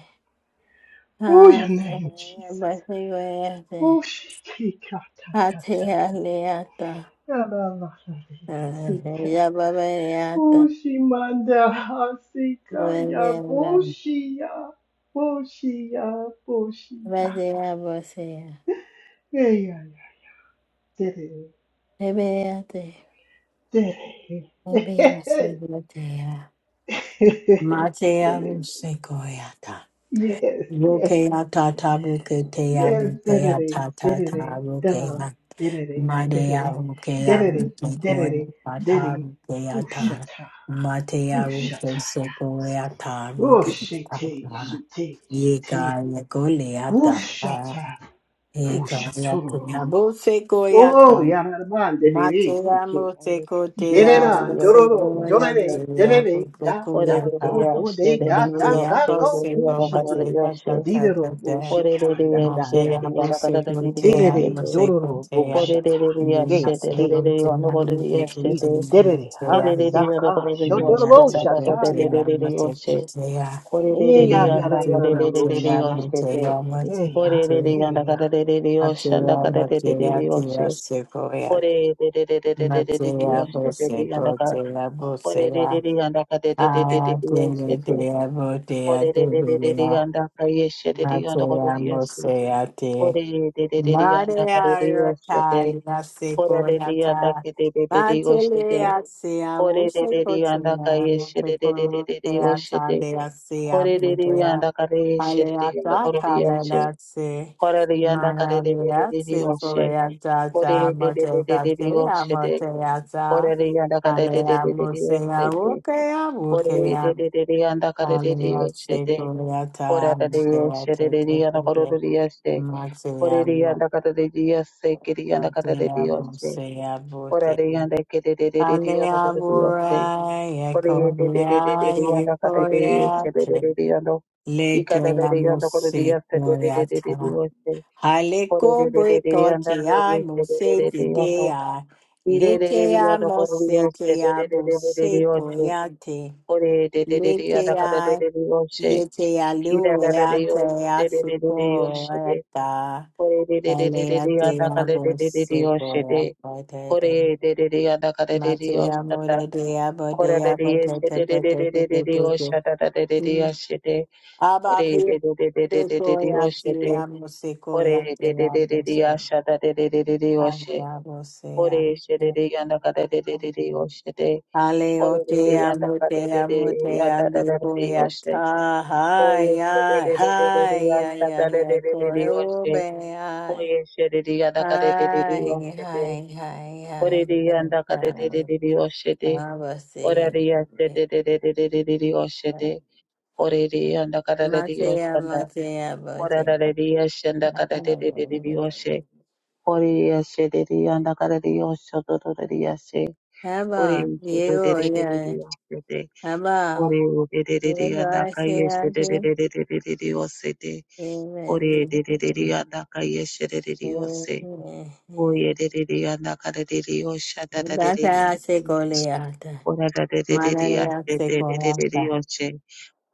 [SPEAKER 2] Oh,
[SPEAKER 1] Ah,
[SPEAKER 2] your name, Jesus.
[SPEAKER 1] verde, verde.
[SPEAKER 2] Oh, she ta ta ta.
[SPEAKER 1] Atea,
[SPEAKER 2] Yaranarayasika.
[SPEAKER 1] ya babayata,
[SPEAKER 2] Ushimanda hasika ya
[SPEAKER 1] babadeva,
[SPEAKER 2] boshiya. Boshiya, boshiya.
[SPEAKER 1] babadeva bosea,
[SPEAKER 2] Eya ya. Dere,
[SPEAKER 1] bebeate,
[SPEAKER 2] dere.
[SPEAKER 1] bebea segretea, Matea
[SPEAKER 2] Dere.
[SPEAKER 1] busecoyata,
[SPEAKER 2] Yes, yes,
[SPEAKER 1] bukeata tabuketea
[SPEAKER 2] yes. Dere, dere,
[SPEAKER 1] bukeata
[SPEAKER 2] dere,
[SPEAKER 1] tata
[SPEAKER 2] dere,
[SPEAKER 1] bukea, madea bukea
[SPEAKER 2] dere, dere, dere, dere.
[SPEAKER 1] bukeata bukeata,
[SPEAKER 2] Ushata,
[SPEAKER 1] matea
[SPEAKER 2] ushata.
[SPEAKER 1] busecoyata
[SPEAKER 2] Oh, shite,
[SPEAKER 1] bukeata,
[SPEAKER 2] shite, shite.
[SPEAKER 1] yeka yekoleata,
[SPEAKER 2] Ushata.
[SPEAKER 1] Sequoia,
[SPEAKER 2] Ushatororo. Oh, Yanaman de Vere
[SPEAKER 1] Matea
[SPEAKER 2] Siki.
[SPEAKER 1] Mosecotea,
[SPEAKER 2] Derera,
[SPEAKER 1] the
[SPEAKER 2] Dororo,
[SPEAKER 1] Sequoia,
[SPEAKER 2] Dorere,
[SPEAKER 1] Tea,
[SPEAKER 2] Derere, Da,
[SPEAKER 1] Sequoia,
[SPEAKER 2] Da, Do, Do, De, Ka, Ta,
[SPEAKER 1] Matea
[SPEAKER 2] Ka, Ko, Ku,
[SPEAKER 1] Boseco,
[SPEAKER 2] Shike.
[SPEAKER 1] Matea
[SPEAKER 2] Didero, Bo,
[SPEAKER 1] Tata,
[SPEAKER 2] Shikanda, Da, Da.
[SPEAKER 1] Matea Bosecotea,
[SPEAKER 2] Derere, Dororo, Bo,
[SPEAKER 1] Mosecotea,
[SPEAKER 2] Shata. Ge,
[SPEAKER 1] Lina
[SPEAKER 2] Ke,
[SPEAKER 1] Secotea,
[SPEAKER 2] I,
[SPEAKER 1] Mosecotea,
[SPEAKER 2] Derere, Ha,
[SPEAKER 1] Motea,
[SPEAKER 2] Saka,
[SPEAKER 1] Lina
[SPEAKER 2] Shotoro, Shataya.
[SPEAKER 1] Secotea, Mosecotea,
[SPEAKER 3] コレレレレヤンダカレレレレレヨシテテ。コレレレヤンダカレレレレヨシャンダカレレレレレヨシ。コレレレレレレレレレレヨシテテレヤンダカ。コレレレレヤンダカレレレレレレヨシテテ。コレレレレレレヤンダカイエシテレヤンダコレレヤシ。コレレレレレレヤンダカレレヨシテテ。コレレレヤンダケテレレレヨシテテ。コレレレレヤンダカイエシテレレレレレヨシテテ。
[SPEAKER 2] Eya,
[SPEAKER 1] Lina
[SPEAKER 2] Yara, Yara, Bo,
[SPEAKER 1] Secotea,
[SPEAKER 2] Shiki.
[SPEAKER 1] Motea, Mosecotea,
[SPEAKER 2] Eya,
[SPEAKER 1] Mateya, mateya, teya, sequoia, mateya, bose, boteya, boseya, aya, teya, teya, boteya, tebeya, mateya, moseya, Maria Yota, Yase Koyata, Matele Yase, Awuse Kotina, Motoko Keata, Lease,
[SPEAKER 3] Korereyanda
[SPEAKER 1] Abutea,
[SPEAKER 3] kareyeshereyanda
[SPEAKER 1] Paleata,
[SPEAKER 3] korereyoshe.
[SPEAKER 1] Kalelase,
[SPEAKER 3] Korereyanda
[SPEAKER 1] Manarease,
[SPEAKER 3] karereyoshe.
[SPEAKER 1] Koyata, Moteka, Tea,
[SPEAKER 3] Korereyoshe.
[SPEAKER 1] Moteata,
[SPEAKER 3] Korereyanda
[SPEAKER 1] Alea
[SPEAKER 3] karereyoshe.
[SPEAKER 1] Musea, Wokea,
[SPEAKER 3] Korereyanda
[SPEAKER 1] Wokea,
[SPEAKER 3] karereyoshe. Korereyoshereyanda
[SPEAKER 1] Alea
[SPEAKER 3] korereyoshe.
[SPEAKER 1] Se Koyata,
[SPEAKER 3] Korereyanda karereyoshe.
[SPEAKER 1] Motea, Motea,
[SPEAKER 3] Korereyanda
[SPEAKER 1] Hallelujah.
[SPEAKER 3] karereyoshe. Korereyanda karereyoshe. Kore de de de de de de de anda kade de sebe de de de yando. Y kade de de yando kore de se de de de de de yoshe. Kore de de de de de de anda kade de sebe de de de yando. Y de de de yando kore de se de de de de de yoshe. Kore de de de de de de anda kade de de de de yoshe de. Kore de de de de de de anda kade de de de de yoshe de. Kore de de de de de de anda kade de de de de yoshe de. Kore de de de de de de anda kade de de de de yoshe
[SPEAKER 1] Matea
[SPEAKER 3] de.
[SPEAKER 1] mora dea
[SPEAKER 3] Kora de
[SPEAKER 1] bodea
[SPEAKER 3] de yes de
[SPEAKER 1] botete
[SPEAKER 3] de de de de
[SPEAKER 1] botete
[SPEAKER 3] de de de o
[SPEAKER 1] botete.
[SPEAKER 3] shada da de de de yes de
[SPEAKER 1] Abba
[SPEAKER 3] kore
[SPEAKER 1] pia
[SPEAKER 3] de de de de de de de de o
[SPEAKER 1] bekoya te
[SPEAKER 3] shede
[SPEAKER 1] amo
[SPEAKER 3] kore
[SPEAKER 1] sekoya
[SPEAKER 3] de
[SPEAKER 1] te
[SPEAKER 3] de de de
[SPEAKER 1] amo
[SPEAKER 3] de
[SPEAKER 1] se.
[SPEAKER 3] ya shada de de de de de o she
[SPEAKER 1] Amo se
[SPEAKER 3] kore
[SPEAKER 1] amo.
[SPEAKER 3] shede de yanda ka de de de de de o shede
[SPEAKER 1] Ale o
[SPEAKER 3] kore de de
[SPEAKER 1] te
[SPEAKER 3] yanda
[SPEAKER 1] amo
[SPEAKER 3] ka de
[SPEAKER 1] te
[SPEAKER 3] de de
[SPEAKER 1] amo te
[SPEAKER 3] ya da da
[SPEAKER 1] ale
[SPEAKER 3] da de de o
[SPEAKER 1] koya
[SPEAKER 3] she
[SPEAKER 1] ta.
[SPEAKER 3] koye
[SPEAKER 1] Hai
[SPEAKER 3] shede
[SPEAKER 1] ai
[SPEAKER 3] de de de de de ya
[SPEAKER 1] hai ai
[SPEAKER 3] shada
[SPEAKER 1] ai
[SPEAKER 3] de
[SPEAKER 1] ai
[SPEAKER 3] de de de
[SPEAKER 1] koe
[SPEAKER 3] de o
[SPEAKER 1] ube
[SPEAKER 3] she
[SPEAKER 1] ai.
[SPEAKER 3] koye shede de yanda ka de de de de o
[SPEAKER 1] Hai
[SPEAKER 3] shede
[SPEAKER 1] hai hai
[SPEAKER 3] kore
[SPEAKER 1] hai.
[SPEAKER 3] de yanda ka de de de de de o shede
[SPEAKER 1] Abba
[SPEAKER 3] kore de ya
[SPEAKER 1] se.
[SPEAKER 3] shede de de de de de de de o shede Korere anda kararari
[SPEAKER 1] Matea,
[SPEAKER 3] yoshanda.
[SPEAKER 1] matea, matea.
[SPEAKER 3] Korarari yashanda kararari yoshe. Kore yashederi anda kararari yoshadorari yashe. Kore
[SPEAKER 1] Haba, yego,
[SPEAKER 3] yashederi
[SPEAKER 1] yare.
[SPEAKER 3] yoshede. Kore
[SPEAKER 1] Haba,
[SPEAKER 3] yashederi
[SPEAKER 1] yego,
[SPEAKER 3] anda
[SPEAKER 1] ase, ase.
[SPEAKER 3] kayeshederi yosede.
[SPEAKER 1] Yeme,
[SPEAKER 3] Kore yashederi
[SPEAKER 1] yeme.
[SPEAKER 3] anda kayeshederi yose. Kore yashederi anda kararari yoshadorari
[SPEAKER 1] Bata, ase,
[SPEAKER 3] yoshe.
[SPEAKER 1] koleata.
[SPEAKER 3] Kore yashederi
[SPEAKER 1] Manarea, ase,
[SPEAKER 3] yashederi
[SPEAKER 1] koleata.
[SPEAKER 3] yoshe.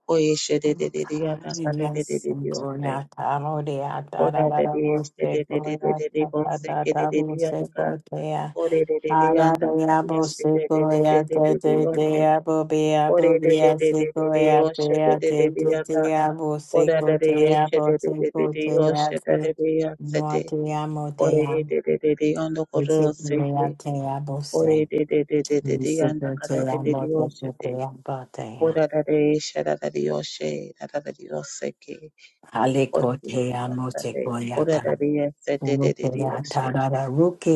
[SPEAKER 3] Kore yashederi anda
[SPEAKER 1] Hallelujah,
[SPEAKER 3] kararari yose.
[SPEAKER 1] Gloriata, Rodeata,
[SPEAKER 3] Ora de de de
[SPEAKER 1] Rarabose,
[SPEAKER 3] de de de de de de
[SPEAKER 1] Gloriata,
[SPEAKER 3] bonse ke de
[SPEAKER 1] Patata,
[SPEAKER 3] de de anda ka.
[SPEAKER 1] Buse,
[SPEAKER 3] Ore de de de
[SPEAKER 1] Ara
[SPEAKER 3] anda
[SPEAKER 1] de
[SPEAKER 3] ka
[SPEAKER 1] abo
[SPEAKER 3] yeshe de de
[SPEAKER 1] seko
[SPEAKER 3] de
[SPEAKER 1] ya
[SPEAKER 3] de de
[SPEAKER 1] te
[SPEAKER 3] de de
[SPEAKER 1] te te
[SPEAKER 3] oshe.
[SPEAKER 1] abo be
[SPEAKER 3] Ore
[SPEAKER 1] abo
[SPEAKER 3] de
[SPEAKER 1] be
[SPEAKER 3] de
[SPEAKER 1] a
[SPEAKER 3] de de de
[SPEAKER 1] seko
[SPEAKER 3] de
[SPEAKER 1] ya te
[SPEAKER 3] oshe de
[SPEAKER 1] a
[SPEAKER 3] de de
[SPEAKER 1] te
[SPEAKER 3] de
[SPEAKER 1] te
[SPEAKER 3] anda.
[SPEAKER 1] te abo
[SPEAKER 3] Ora
[SPEAKER 1] seko
[SPEAKER 3] de de
[SPEAKER 1] te
[SPEAKER 3] yeshe
[SPEAKER 1] abo
[SPEAKER 3] de de de de
[SPEAKER 1] seko
[SPEAKER 3] de
[SPEAKER 1] te a
[SPEAKER 3] oshe de
[SPEAKER 1] te
[SPEAKER 3] de de yase
[SPEAKER 1] mo
[SPEAKER 3] de.
[SPEAKER 1] te amo te
[SPEAKER 3] Ore de de de de anda koro se de. Ore de de de de de de anda ka de de de de oshe de. Kora de de yeshe de de de oshe de de de oshe ke. Ore de de yase de. Ora de de yase de de de de oshe.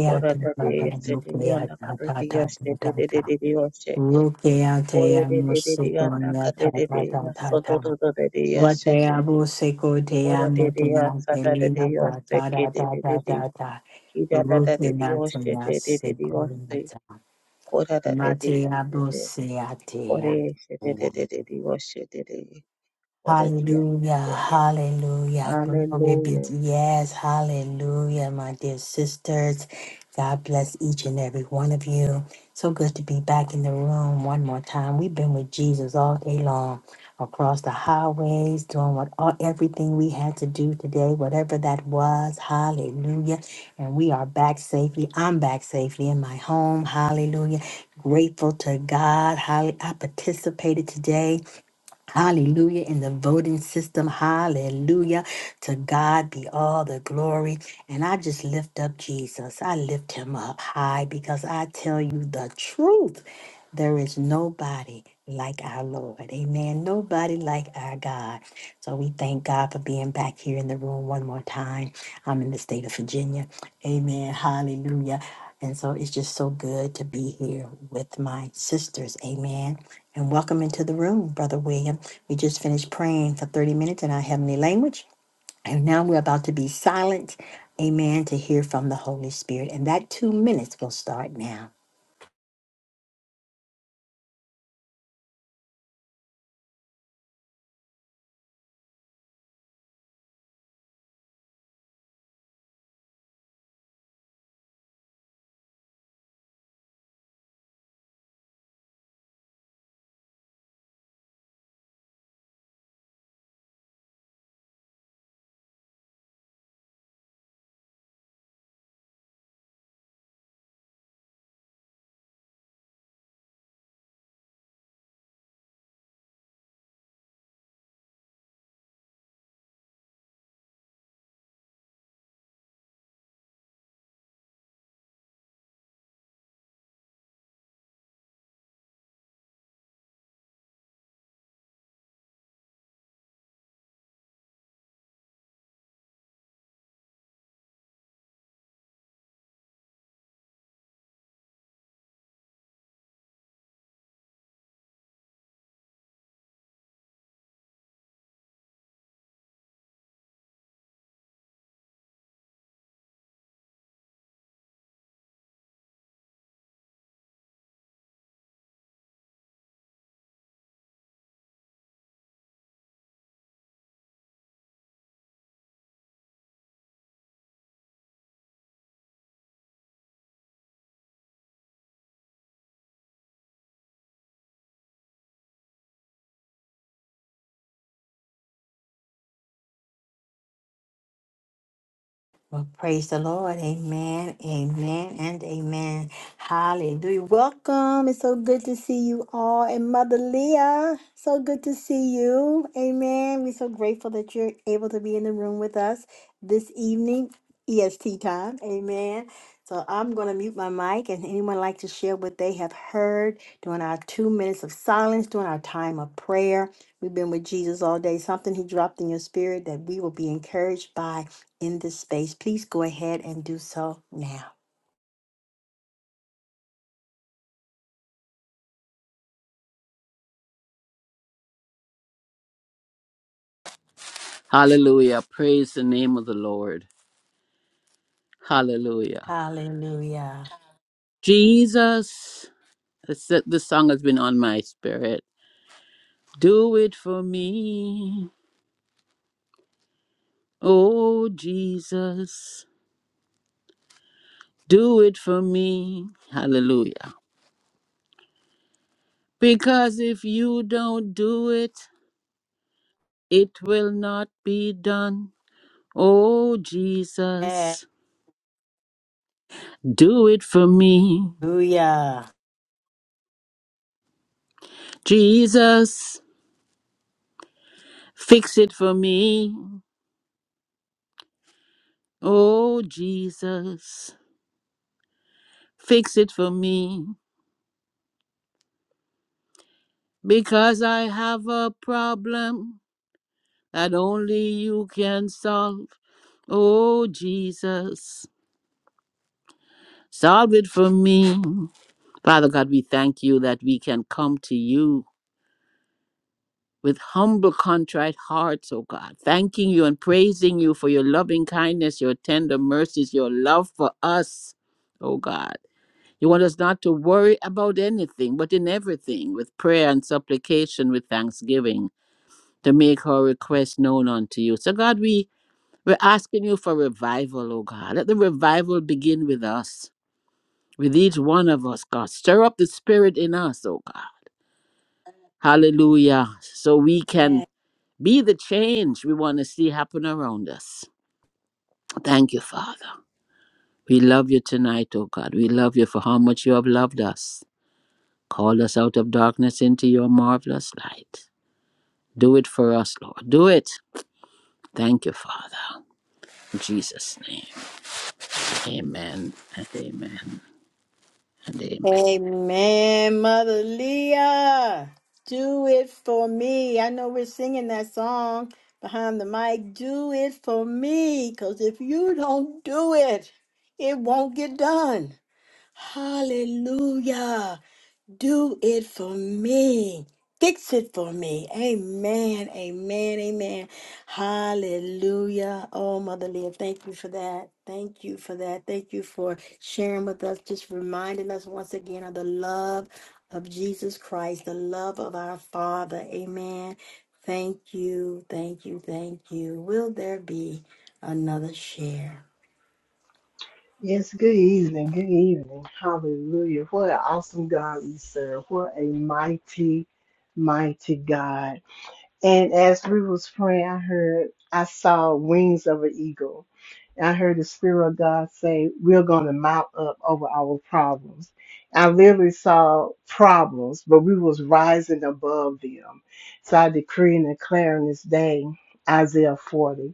[SPEAKER 3] Ora da de se de yanda kare de yaste de de de de de yoshe.
[SPEAKER 1] Rukea
[SPEAKER 3] Ora
[SPEAKER 1] dea
[SPEAKER 3] de de de de
[SPEAKER 1] musiko
[SPEAKER 3] yanda kare
[SPEAKER 1] neta
[SPEAKER 3] de
[SPEAKER 1] ta
[SPEAKER 3] de
[SPEAKER 1] ta
[SPEAKER 3] yaso
[SPEAKER 1] ta
[SPEAKER 3] do do
[SPEAKER 1] ta.
[SPEAKER 3] do de de yashe de.
[SPEAKER 1] Vatea busiko dea
[SPEAKER 3] Ora de de
[SPEAKER 1] mutina
[SPEAKER 3] yasa da de de
[SPEAKER 1] delina ta
[SPEAKER 3] yose
[SPEAKER 1] ta
[SPEAKER 3] ke
[SPEAKER 1] ta
[SPEAKER 3] de
[SPEAKER 1] ta
[SPEAKER 3] de de
[SPEAKER 1] ta
[SPEAKER 3] de.
[SPEAKER 1] ta ta.
[SPEAKER 3] Kira da da de de
[SPEAKER 1] Rukina
[SPEAKER 3] yoshe
[SPEAKER 1] tina
[SPEAKER 3] de de de de
[SPEAKER 1] siko
[SPEAKER 3] yose.
[SPEAKER 1] neta.
[SPEAKER 3] Ora yanda yanda
[SPEAKER 1] Matea
[SPEAKER 3] yaste
[SPEAKER 1] busia dea.
[SPEAKER 3] yaste yoshe yoshe yasa Orarareyasiriyanda kareriyashirererereriyoshe. Orerererereriyandakarerereyasododododereyashete. Orareriyasadarereyoshekerererere. Kiradarereriyoshererereriyose. Orararereyashete. Oreyesherererereriyosherere.
[SPEAKER 1] Hallelujah,
[SPEAKER 3] Orariyashete.
[SPEAKER 1] hallelujah. Glory be
[SPEAKER 3] Hallelujah.
[SPEAKER 1] to yes, hallelujah, my dear sisters. God bless each and every one of you. So good to be back in the room one more time. We've been with Jesus all day long, across the highways, doing what all, everything we had to do today, whatever that was. Hallelujah. And we are back safely. I'm back safely in my home. Hallelujah. Grateful to God. Hallelujah. I participated today Hallelujah. In the voting system. Hallelujah. To God be all the glory. And I just lift up Jesus. I lift him up high because I tell you the truth. There is nobody like our Lord. Amen. Nobody like our God. So we thank God for being back here in the room one more time. I'm in the state of Virginia. Amen. Hallelujah. And so it's just so good to be here with my sisters. Amen. And welcome into the room, Brother William. We just finished praying for 30 minutes in our heavenly language. And now we're about to be silent. Amen. To hear from the Holy Spirit. And that two minutes will start now. Well, praise the Lord. Amen, amen, and amen. Hallelujah. Welcome. It's so good to see you all. And Mother Leah, so good to see you. Amen. We're so grateful that you're able to be in the room with us this evening, EST time. Amen. So I'm going to mute my mic and anyone like to share what they have heard during our two minutes of silence, during our time of prayer. We've been with Jesus all day. Something he dropped in your spirit that we will be encouraged by in this space, please go ahead and do so now.
[SPEAKER 4] Hallelujah. Praise the name of the Lord. Hallelujah.
[SPEAKER 1] Hallelujah.
[SPEAKER 4] Jesus, that's it. this song has been on my spirit. Do it for me. Oh, Jesus, do it for me. Hallelujah. Because if you don't do it, it will not be done. Oh, Jesus, do it for me.
[SPEAKER 1] Hallelujah.
[SPEAKER 4] Jesus, fix it for me. Oh, Jesus. Fix it for me because I have a problem that only you can solve. Oh, Jesus, solve it for me. Father God, we thank you that we can come to you with humble, contrite hearts, oh God, thanking you and praising you for your loving kindness, your tender mercies, your love for us, oh God. You want us not to worry about anything, but in everything, with prayer and supplication, with thanksgiving. to make our request known unto you. So, God, we, we're asking you for revival, oh God. Let the revival begin with us, with each one of us, God. Stir up the spirit in us, oh God. Hallelujah. So we can be the change we want to see happen around us. Thank you, Father. We love you tonight, oh God. We love you for how much you have loved us. Call us out of darkness into your marvelous light. Do it for us, Lord. Do it. Thank you, Father. In Jesus' name. Amen and amen and amen.
[SPEAKER 1] Amen, Mother Leah. Do it for me. I know we're singing that song behind the mic. Do it for me. Because if you don't do it, it won't get done. Hallelujah. Do it for me. Fix it for me. Amen. Amen. Amen. Hallelujah. Oh, Mother Leah, thank you for that. Thank you for that. Thank you for sharing with us, just reminding us once again of the love of Jesus Christ, the love of our Father. Amen. Thank you. Thank you. Thank you. Will there be another share?
[SPEAKER 2] Yes, good evening. Good evening. Hallelujah. What an awesome God we serve. What a mighty, mighty God. And as we was praying, I heard, I saw wings of an eagle. And I heard the Spirit of God say, we're going to mount up over our problems. I literally saw problems, but we was rising above them. So I decree and declare in this day, Isaiah 40.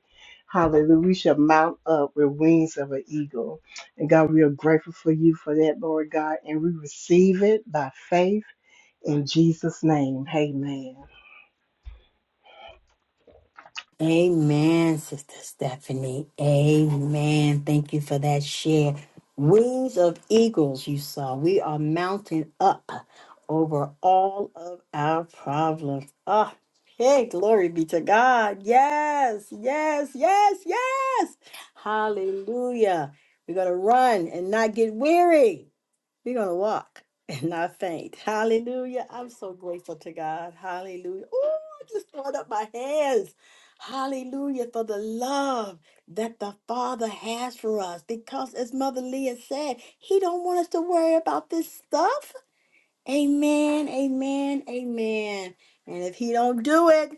[SPEAKER 2] Hallelujah. We shall mount up with wings of an eagle. And God, we are grateful for you for that, Lord God. And we receive it by faith in Jesus' name. Amen.
[SPEAKER 1] Amen, Sister Stephanie. Amen. Thank you for that share. Wings of eagles, you saw. We are mounting up over all of our problems. Ah, hey, glory be to God. Yes, yes, yes, yes. Hallelujah. We're going to run and not get weary. We're going to walk and not faint. Hallelujah. I'm so grateful to God. Hallelujah. Oh, I just throwing up my hands. Hallelujah for the love that the Father has for us. Because as Mother Leah said, He don't want us to worry about this stuff. Amen. Amen. Amen. And if He don't do it,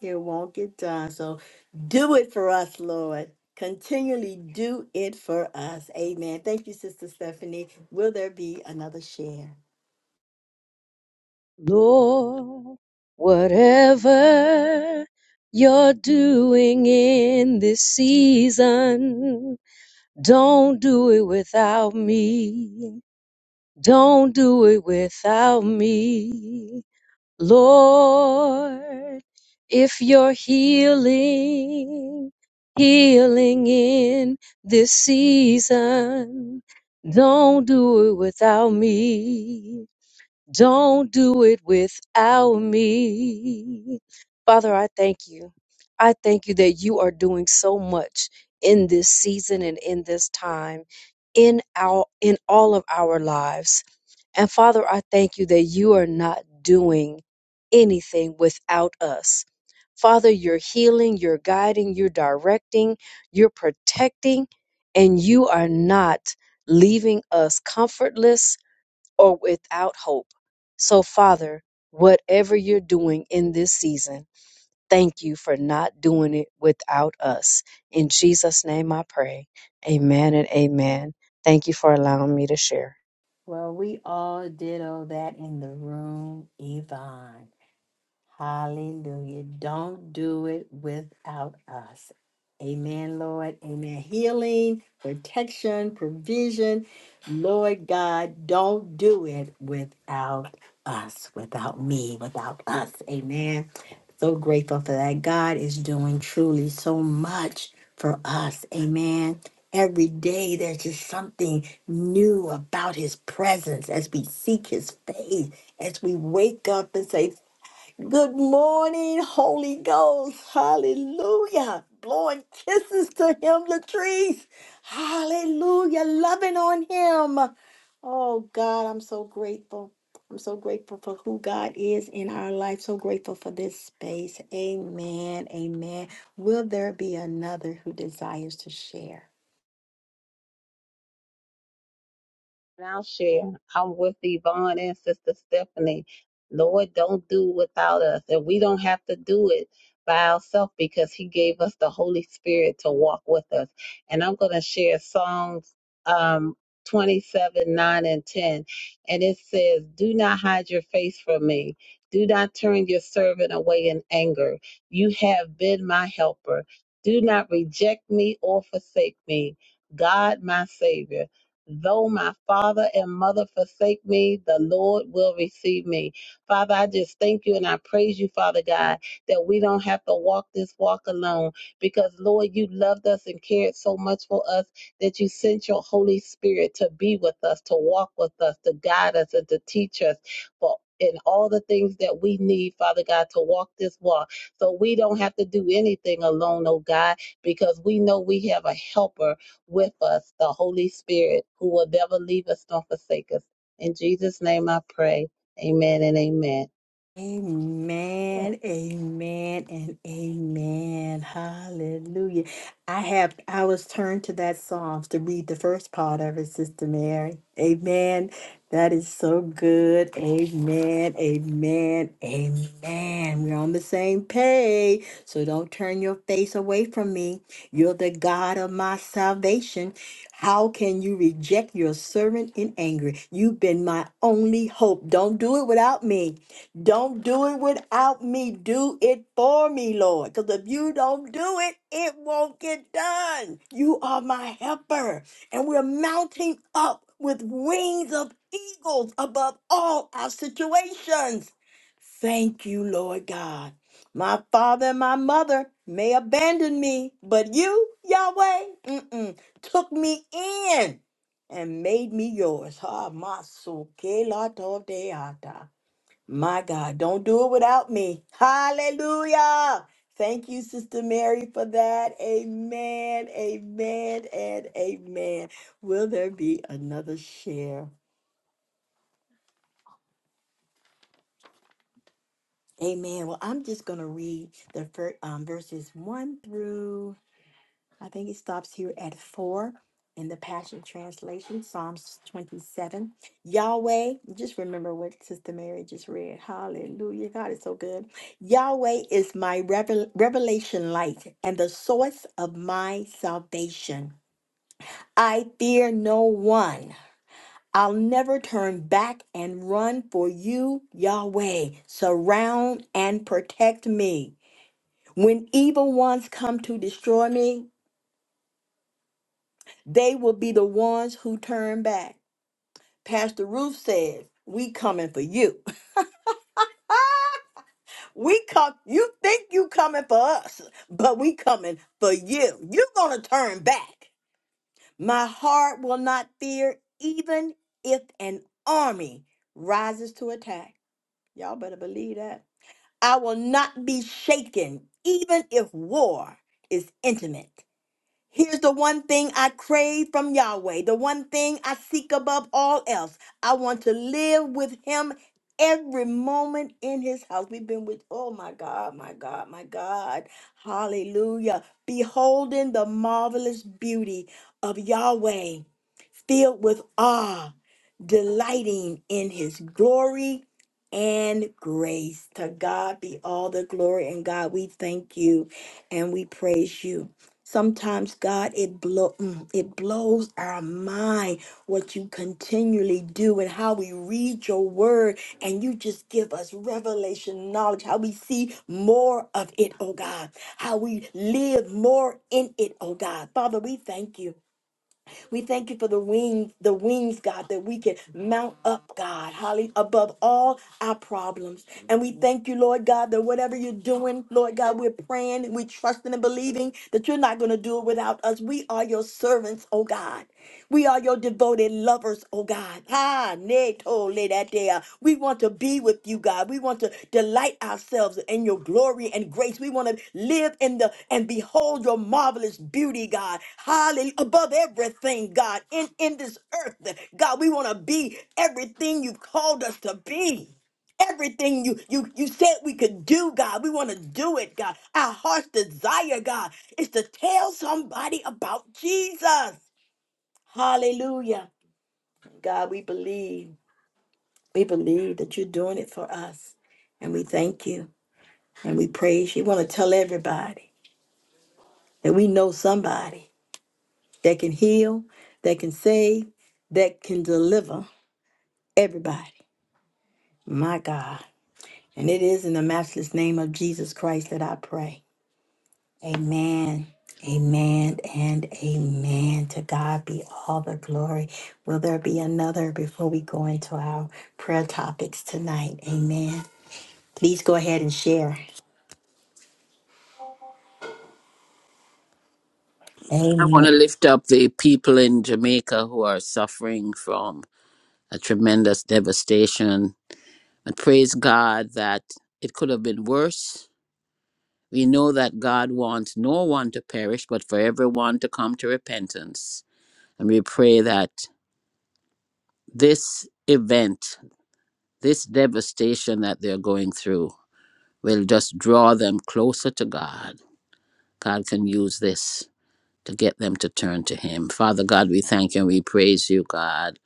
[SPEAKER 1] it won't get done. So do it for us, Lord. Continually do it for us. Amen. Thank you, Sister Stephanie. Will there be another share?
[SPEAKER 5] Lord, whatever you're doing in this season, don't do it without me. Don't do it without me. Lord, if you're healing, healing in this season, don't do it without me. Don't do it without me. Father, I thank you. I thank you that you are doing so much in this season and in this time in our in all of our lives. And Father, I thank you that you are not doing anything without us. Father, you're healing, you're guiding, you're directing, you're protecting, and you are not leaving us comfortless or without hope. So, Father, whatever you're doing in this season, thank you for not doing it without us. In Jesus' name I pray. Amen and amen. Thank you for allowing me to share.
[SPEAKER 1] Well, we all did all that in the room, Yvonne. Hallelujah. Don't do it without us. Amen, Lord. Amen. Healing, protection, provision. Lord God, don't do it without us, without me, without us. Amen. So grateful for that. God is doing truly so much for us. Amen. Every day there's just something new about his presence as we seek his face, as we wake up and say, Good morning, Holy Ghost. Hallelujah. Blowing kisses to him, Latrice. Hallelujah. Loving on him. Oh, God, I'm so grateful. I'm so grateful for who God is in our life. So grateful for this space. Amen. Amen. Will there be another who desires to share?
[SPEAKER 3] And I'll share. I'm with Yvonne and Sister Stephanie. Lord, don't do without us. And we don't have to do it by ourselves because He gave us the Holy Spirit to walk with us. And I'm going to share Psalms um, 27, 9, and 10. And it says, Do not hide your face from me. Do not turn your servant away in anger. You have been my helper. Do not reject me or forsake me, God, my Savior. Though my father and mother forsake me, the Lord will receive me. Father, I just thank you and I praise you, Father God, that we don't have to walk this walk alone because, Lord, you loved us and cared so much for us that you sent your Holy Spirit to be with us, to walk with us, to guide us, and to teach us. For in all the things that we need, Father God, to walk this walk. So we don't have to do anything alone, oh God, because we know we have a helper with us the Holy Spirit who will never leave us nor forsake us. In Jesus' name I pray. Amen and amen.
[SPEAKER 1] Amen, amen, and amen. Hallelujah. I have I was turned to that Psalms to read the first part of it, Sister Mary. Amen. That is so good. Amen. Amen. Amen. We're on the same page. So don't turn your face away from me. You're the God of my salvation. How can you reject your servant in anger? You've been my only hope. Don't do it without me. Don't do it without me. Do it for me, Lord. Because if you don't do it, it won't get done. You are my helper. And we're mounting up with wings of eagles above all our situations. Thank you, Lord God. My father and my mother may abandon me, but you, Yahweh, mm-mm, took me in and made me yours. Ha, maso, ke la to deata. My God, don't do it without me. Hallelujah. Thank you, Sister Mary, for that. Amen, amen, and amen. Will there be another share? Amen. Well, I'm just going to read the fir- um, verses 1 through I think it stops here at four in the Passion Translation, Psalms 27. Yahweh, just remember what Sister Mary just read. Hallelujah. God is so good. Yahweh is my revel- revelation light and the source of my salvation. I fear no one. I'll never turn back and run for you, Yahweh. Surround and protect me. When evil ones come to destroy me, They will be the ones who turn back. Pastor Ruth says, "We coming for you. We come. You think you coming for us, but we coming for you. you gonna turn back. My heart will not fear, even if an army rises to attack. Y'all better believe that. I will not be shaken, even if war is intimate. Here's the one thing I crave from Yahweh, the one thing I seek above all else. I want to live with Him every moment in His house. We've been with, oh my God, my God, my God. Hallelujah. Beholding the marvelous beauty of Yahweh, filled with awe delighting in his glory and grace. To God be all the glory. And God, we thank you and we praise you. Sometimes, God, it blow mm, it blows our mind what you continually do and how we read your word, and you just give us revelation knowledge, how we see more of it, oh God, how we live more in it, oh God. Father, we thank you. We thank you for the wings, the wings, God, that we can mount up, God, holly above all our problems. And we thank you, Lord God, that whatever you're doing, Lord God, we're praying and we're trusting and believing that you're not going to do it without us. We are your servants, oh God. We are your devoted lovers, oh God. Ah, ne tole that day. We want to be with you, God. We want to delight ourselves in your glory and grace. We want to live in the and behold your marvelous beauty, God. Hallelujah. Above everything, God, in, in this earth, God, we want to be everything you've called us to be everything you you you said we could do god we want to do it god our heart's desire god is to tell somebody about jesus Hallelujah. God, we believe. We believe that you're doing it for us. And we thank you and we praise you. We want to tell everybody that we know somebody that can heal, that can save, that can deliver everybody. My God. And it is in the matchless name of Jesus Christ that I pray. Amen. Amen and amen. To God be all the glory. Will there be another before we go into our prayer topics tonight? Amen. Please go ahead and share.
[SPEAKER 4] I want
[SPEAKER 1] Amen.
[SPEAKER 4] to lift up the people in Jamaica who are suffering from a tremendous devastation and praise God that it could have been worse. We know that God wants no one to perish, but for everyone to come to repentance. And we pray that this event, this devastation that they're going through, will just draw them closer to God. God can use this to get them to turn to Him. Father God, we thank you and we praise you, God,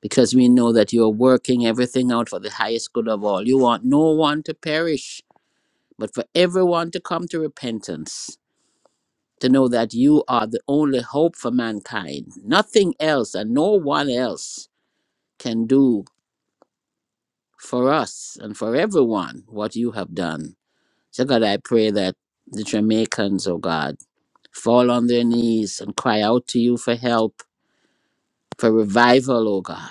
[SPEAKER 4] because we know that you are working everything out for the highest good of all. You want no one to perish, but for everyone to come to repentance, to know that you are the only hope for mankind. Nothing else and no one else can do for us and for everyone what you have done. So, God, I pray that the Jamaicans, oh God, fall on their knees and cry out to you for help, for revival, oh God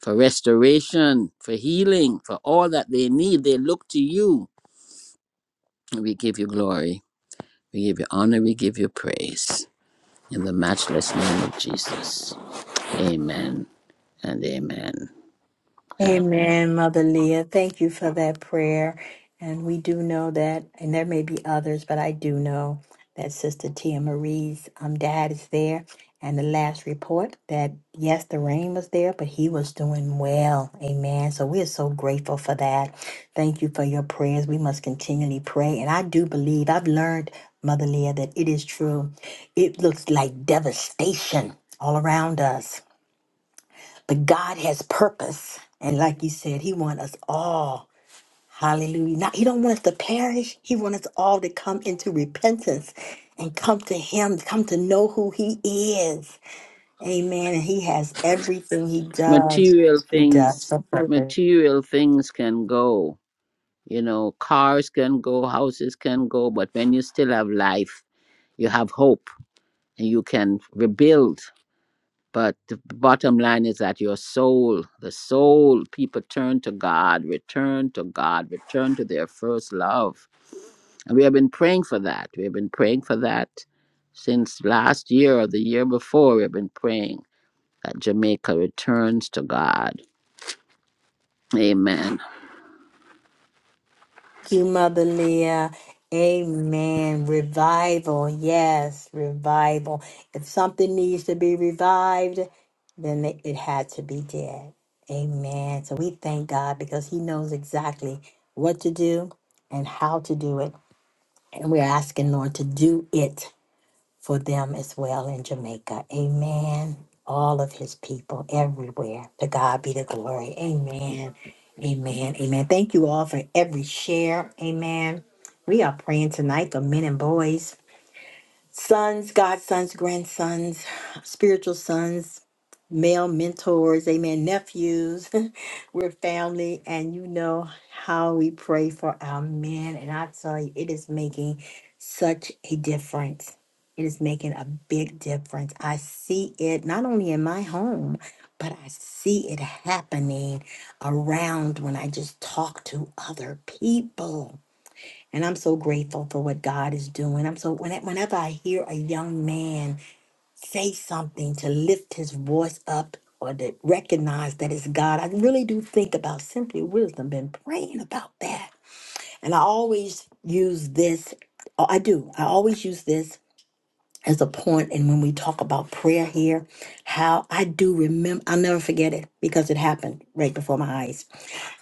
[SPEAKER 4] for restoration, for healing, for all that they need. They look to you. And we give you glory. We give you honor. We give you praise. In the matchless name of Jesus. Amen and amen. And
[SPEAKER 1] Amen, Mother Leah. Thank you for that prayer. And we do know that, and there may be others, but I do know that Sister Tia Marie's um, dad is there. And the last report that, yes, the rain was there, but he was doing well. Amen. So we are so grateful for that. Thank you for your prayers. We must continually pray. And I do believe, I've learned, Mother Leah, that it is true. It looks like devastation all around us. But God has purpose. And like you said, He wants us all. Hallelujah. Not, he don't want us to perish. He wants us all to come into repentance and come to Him, come to know who He is. Amen. And He has everything He does.
[SPEAKER 4] material
[SPEAKER 1] He does.
[SPEAKER 4] things,
[SPEAKER 1] for purpose.
[SPEAKER 4] material things can go. You know, cars can go, houses can go, but when you still have life, you have hope and you can rebuild. But the bottom line is that your soul, the soul, people turn to God, return to God, return to their first love. And we have been praying for that. We have been praying for that since last year or the year before. We have been praying that Jamaica returns to God. Amen.
[SPEAKER 1] you, Mother Leah. Amen. Revival. Yes, revival. If something needs to be revived, then it it had to be dead. Amen. So we thank God because He knows exactly what to do and how to do it. And we're asking, Lord, to do it for them as well in Jamaica. Amen. All of his people everywhere. To God be the glory. Amen. Amen. Amen. Thank you all for every share. Amen. We are praying tonight for men and boys sons, godsons, grandsons, spiritual sons, male mentors, amen, nephews. We're family, and you know how we pray for our men. And I tell you, it is making such a difference. It is making a big difference. I see it not only in my home, but I see it happening around when I just talk to other people and I'm so grateful for what God is doing. I'm so when- whenever I hear a young man say something to lift his voice up or to recognize that it's God, I really do think about simply wisdom. Been praying about that, and I always use this. oh, I do. I always use this as a point, and when we talk about prayer here, how I do remember. I'll never forget it because it happened right before my eyes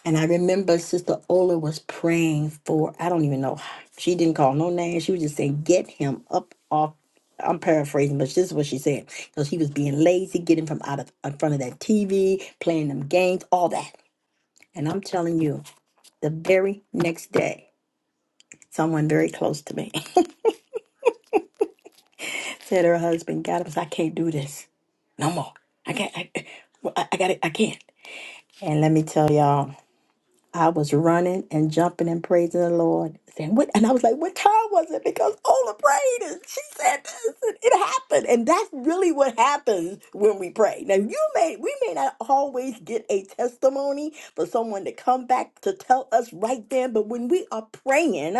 [SPEAKER 1] and I remember Sister Ola was praying for, I don't even know, she didn't call no name. She was just saying, get him up off. I'm paraphrasing, but this is what she said. Because he was being lazy, getting from out of in front of that TV, playing them games, all that. And I'm telling you, the very next day, someone very close to me said her husband got him said, I can't do this no more. I can't, I, I, I got it, I can't. And let me tell y'all. I was running and jumping and praising the Lord, saying, "What?" And I was like, "What time was it?" Because Ola prayed, and she said this, and it happened. And that's really what happens when we pray. Now, you may we may not always get a testimony for someone to come back to tell us right then, but when we are praying,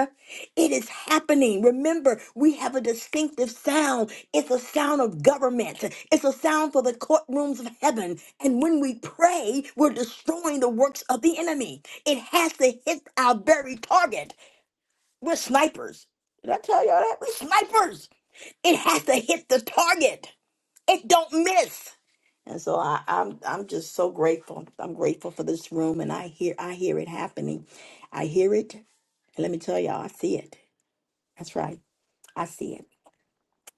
[SPEAKER 1] it is happening. Remember, we have a distinctive sound. It's a sound of government. It's a sound for the courtrooms of heaven. And when we pray, we're destroying the works of the enemy. It has to hit our very target. We're snipers. Did I tell y'all that? We're snipers. It has to hit the target. It don't miss. And so I, I'm I'm just so grateful. I'm grateful for this room, and I hear I hear it happening. I hear it, and let me tell y'all, I see it. That's right, I see it,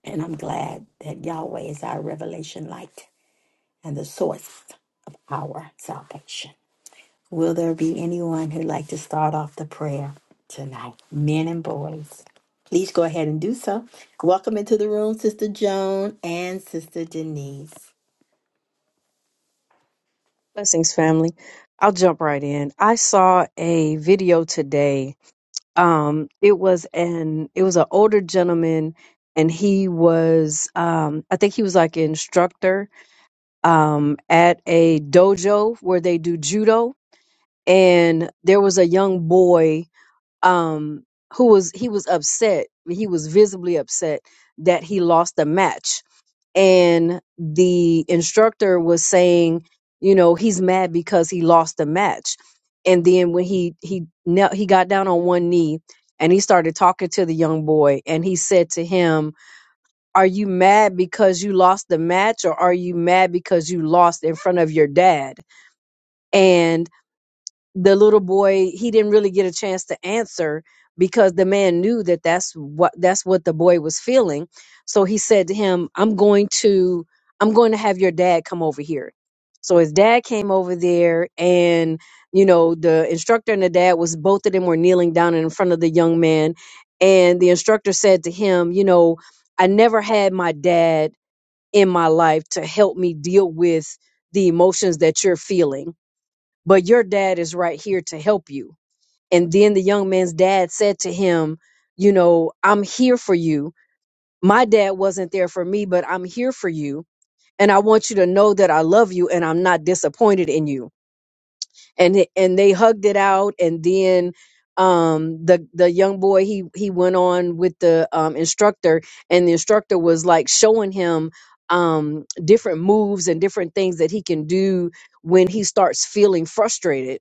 [SPEAKER 1] and I'm glad that Yahweh is our revelation light and the source of our salvation. Will there be anyone who'd like to start off the prayer tonight? Men and boys, please go ahead and do so. Welcome into the room, Sister Joan and Sister Denise.
[SPEAKER 5] Blessings, family. I'll jump right in. I saw a video today. Um, it was an it was an older gentleman, and he was um, I think he was like an instructor um, at a dojo where they do judo and there was a young boy um who was he was upset he was visibly upset that he lost the match and the instructor was saying you know he's mad because he lost the match and then when he he knelt, he got down on one knee and he started talking to the young boy and he said to him are you mad because you lost the match or are you mad because you lost in front of your dad And the little boy he didn't really get a chance to answer because the man knew that that's what that's what the boy was feeling so he said to him i'm going to i'm going to have your dad come over here so his dad came over there and you know the instructor and the dad was both of them were kneeling down in front of the young man and the instructor said to him you know i never had my dad in my life to help me deal with the emotions that you're feeling but your dad is right here to help you. And then the young man's dad said to him, You know, I'm here for you. My dad wasn't there for me, but I'm here for you. And I want you to know that I love you and I'm not disappointed in you and it- and they hugged it out and then um the the young boy he he went on with the um instructor and the instructor was like showing him um different moves and different things that he can do when he starts feeling frustrated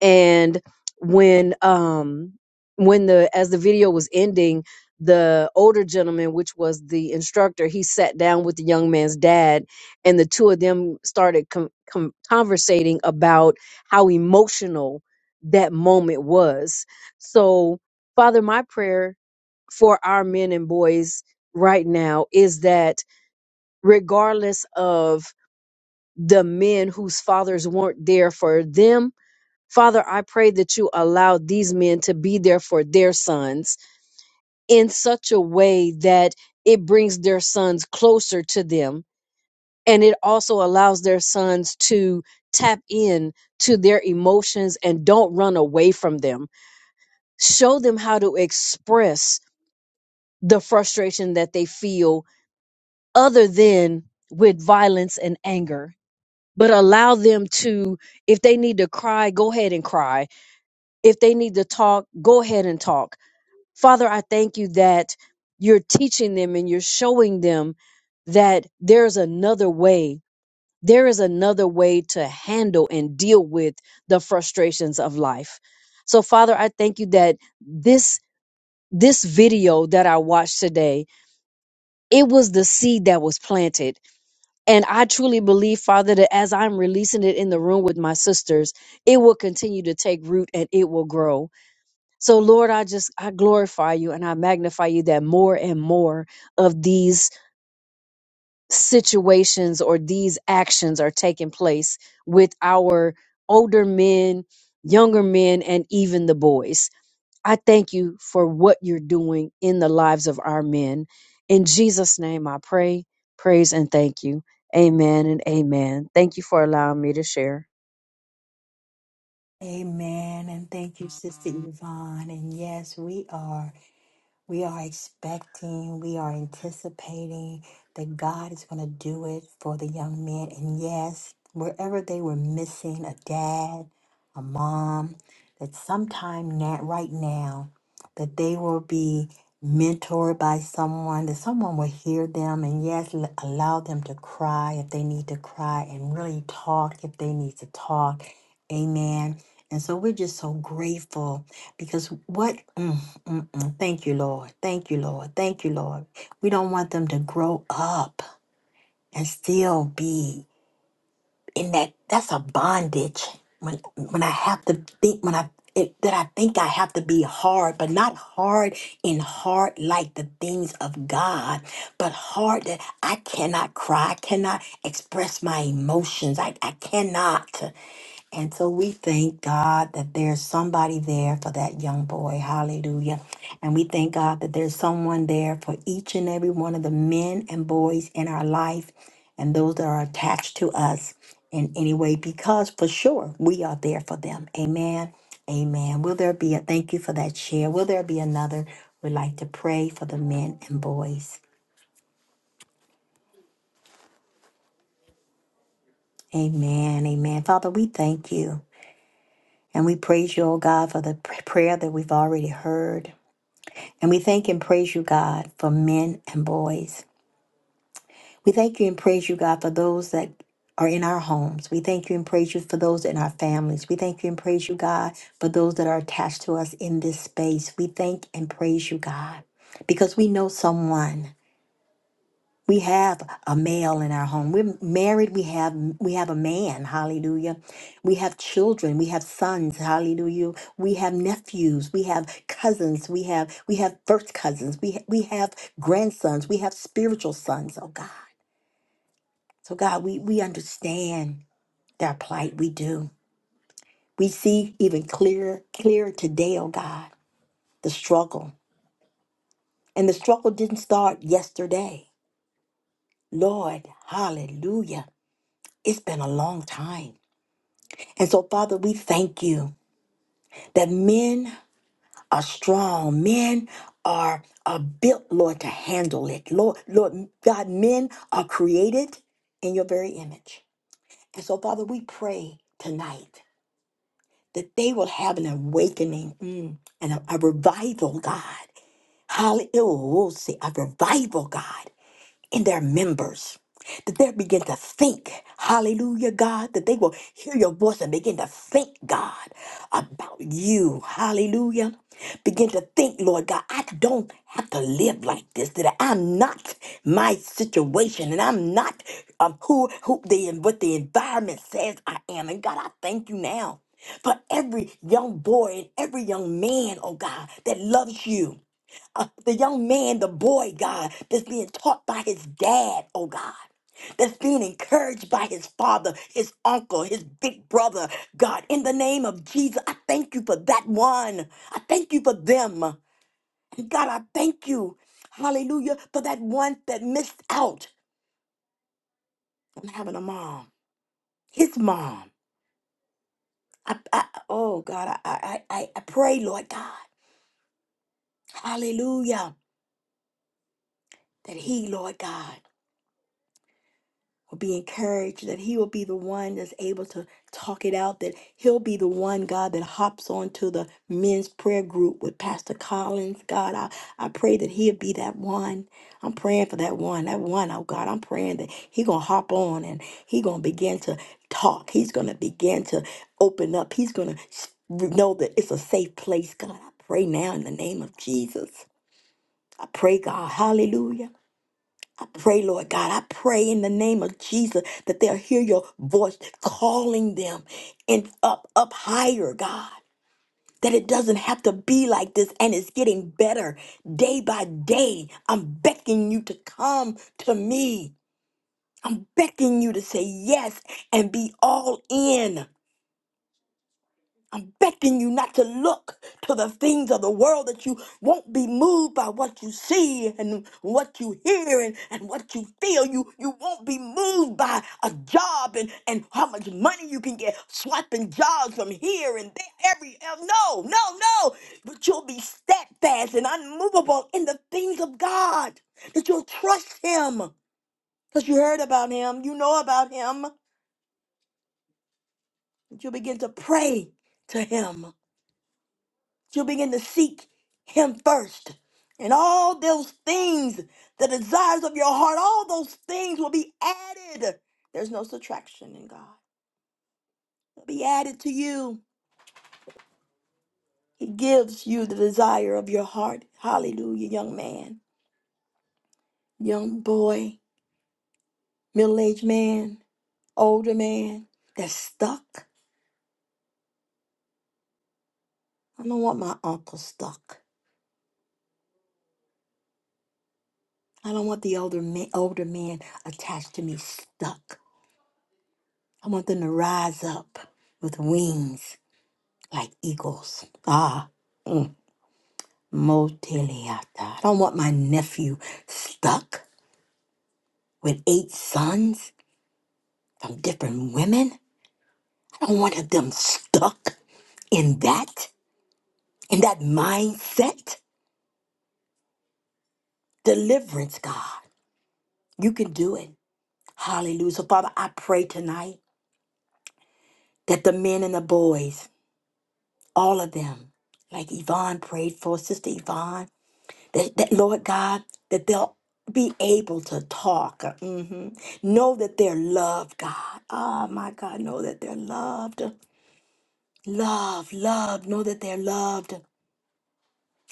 [SPEAKER 5] and when um when the as the video was ending the older gentleman which was the instructor he sat down with the young man's dad and the two of them started com- com- conversating about how emotional that moment was. So, Father, my prayer for our men and boys right now is that regardless of the men whose fathers weren't there for them, Father, I pray that you allow these men to be there for their sons in such a way that it brings their sons closer to them and it also allows their sons to tap in to their emotions and don't run away from them show them how to express the frustration that they feel other than with violence and anger but allow them to if they need to cry go ahead and cry if they need to talk go ahead and talk father i thank you that you're teaching them and you're showing them that there's another way there is another way to handle and deal with the frustrations of life so father i thank you that this this video that I watched today, it was the seed that was planted. And I truly believe, Father, that as I'm releasing it in the room with my sisters, it will continue to take root and it will grow. So, Lord, I just, I glorify you and I magnify you that more and more of these situations or these actions are taking place with our older men, younger men, and even the boys I thank you for what you're doing in the lives of our men. In Jesus' name, I pray, praise, and thank you. Amen and amen. Thank you for allowing me to share.
[SPEAKER 1] Amen. And thank you, Sister Yvonne. And yes, we are. We are expecting, we are anticipating that God is going to do it for the young men. And yes, wherever they were missing a dad, a mom, that sometime now, right now, that they will be mentored by someone, that someone will hear them and yes, l- allow them to cry if they need to cry and really talk if they need to talk. Amen. And so we're just so grateful because what? Mm, mm, mm. Thank you, Lord. Thank you, Lord. Thank you, Lord. We don't want them to grow up and still be in that. That's a bondage. When when I have to think, when I it, that I think I have to be hard, but not hard in heart like the things of God, but hard that I cannot cry, I cannot express my emotions. I, I cannot. And so we thank God that there's somebody there for that young boy. Hallelujah. And we thank God that there's someone there for each and every one of the men and boys in our life and those that are attached to us in any way, because for sure we are there for them. Amen. Amen. Will there be a thank you for that share? Will there be another? We'd like to pray for the men and boys. Amen. Amen. Father, we thank you and we praise you, oh God, for the pr- prayer that we've already heard. And we thank and praise you, God, for men and boys. We thank you and praise you, God, for those that are in our homes. We thank you and praise you for those in our families. We thank you and praise you, God, for those that are attached to us in this space. We thank and praise you, God, because we know someone we have a male in our home. We're married. We have we have a man. Hallelujah. We have children. We have sons. Hallelujah. We have nephews. We have cousins. We have we have first cousins. We we have grandsons. We have spiritual sons. Oh God. So God, we we understand their plight. We do. We see even clearer clearer today. Oh God, the struggle and the struggle didn't start yesterday. Lord, Hallelujah. It's been a long time. And so, Father, we thank you that men are strong. Men are, are built, Lord, to handle it. Lord, Lord God, men are created in your very image. And so, Father, we pray tonight that they will have an awakening mm, and a, a revival, God. Hallelujah. A revival, God. in their members, that they begin to think, hallelujah, God, that they will hear your voice and begin to think, God, about you, hallelujah. Begin to think, Lord God, I don't have to live like this, that I'm not my situation and I'm not um, who, who the, what the environment says I am. And God, I thank you now for every young boy and every young man, oh God, that loves you uh, the young man, the boy, God, that's being taught by his dad, oh God. That's being encouraged by his father, his uncle, his big brother. God, in the name of Jesus, I thank you for that one. I thank you for them. And God, I thank you, hallelujah, for that one that missed out on having a mom, his mom. I, I, oh God, I, I, I, I pray, Lord God, hallelujah, that he, Lord God, be encouraged that he will be the one that's able to talk it out that he'll be the one god that hops onto the men's prayer group with pastor collins god i, I pray that he'll be that one i'm praying for that one that one oh god i'm praying that he gonna hop on and he gonna begin to talk he's gonna begin to open up he's gonna s- know that it's a safe place god i pray now in the name of jesus i pray god hallelujah pray, Lord God. I pray in the name of Jesus that they'll hear your voice calling them and up, up higher, God. That it doesn't have to be like this and it's getting better day by day. I'm beckoning you to come to me. I'm beckoning you to say yes and be all in. I'm begging you not to look to the things of the world that you won't be moved by what you see and what you hear and, and what you feel. You you won't be moved by a job and, and how much money you can get swapping jobs from here and there every el- no, no, no. But you'll be steadfast and unmovable in the things of God. That you'll trust him. Because you heard about him, you know about him. That you'll begin to pray to him you begin to seek him first. And all those things, the desires of your heart, all those things will be added. There's no subtraction in God. They'll be added to you. He gives you the desire of your heart. Hallelujah, young man, young boy, middle aged man, older man that's stuck. I don't want my uncle stuck. I don't want the older man, older man attached to me stuck. I want them to rise up with wings like eagles. Ah, mm, moteliata. I don't want my nephew stuck with eight sons from different women. I don't want them stuck in that, in that mindset. Deliverance, God. You can do it. Hallelujah. So, Father, I pray tonight that the men and the boys, all of them, like Yvonne prayed for, Sister Yvonne, that, that, Lord God, that they'll be able to talk. Mhm. Know that they're loved, God. Ah, my God, know that they're loved. Love, love, know that they're loved.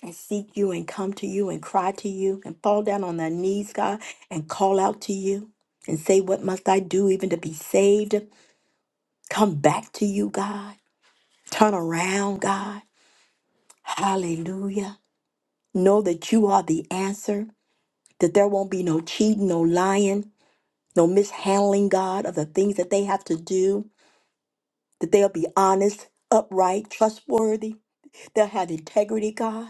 [SPEAKER 1] And seek you and come to you and cry to you and fall down on their knees, God, and call out to you and say, What must I do even to be saved? Come back to you, God. Turn around, God. Hallelujah. Know that you are the answer, that there won't be no cheating, no lying, no mishandling, God, of the things that they have to do, that they'll be honest, upright, trustworthy, they'll have integrity, God.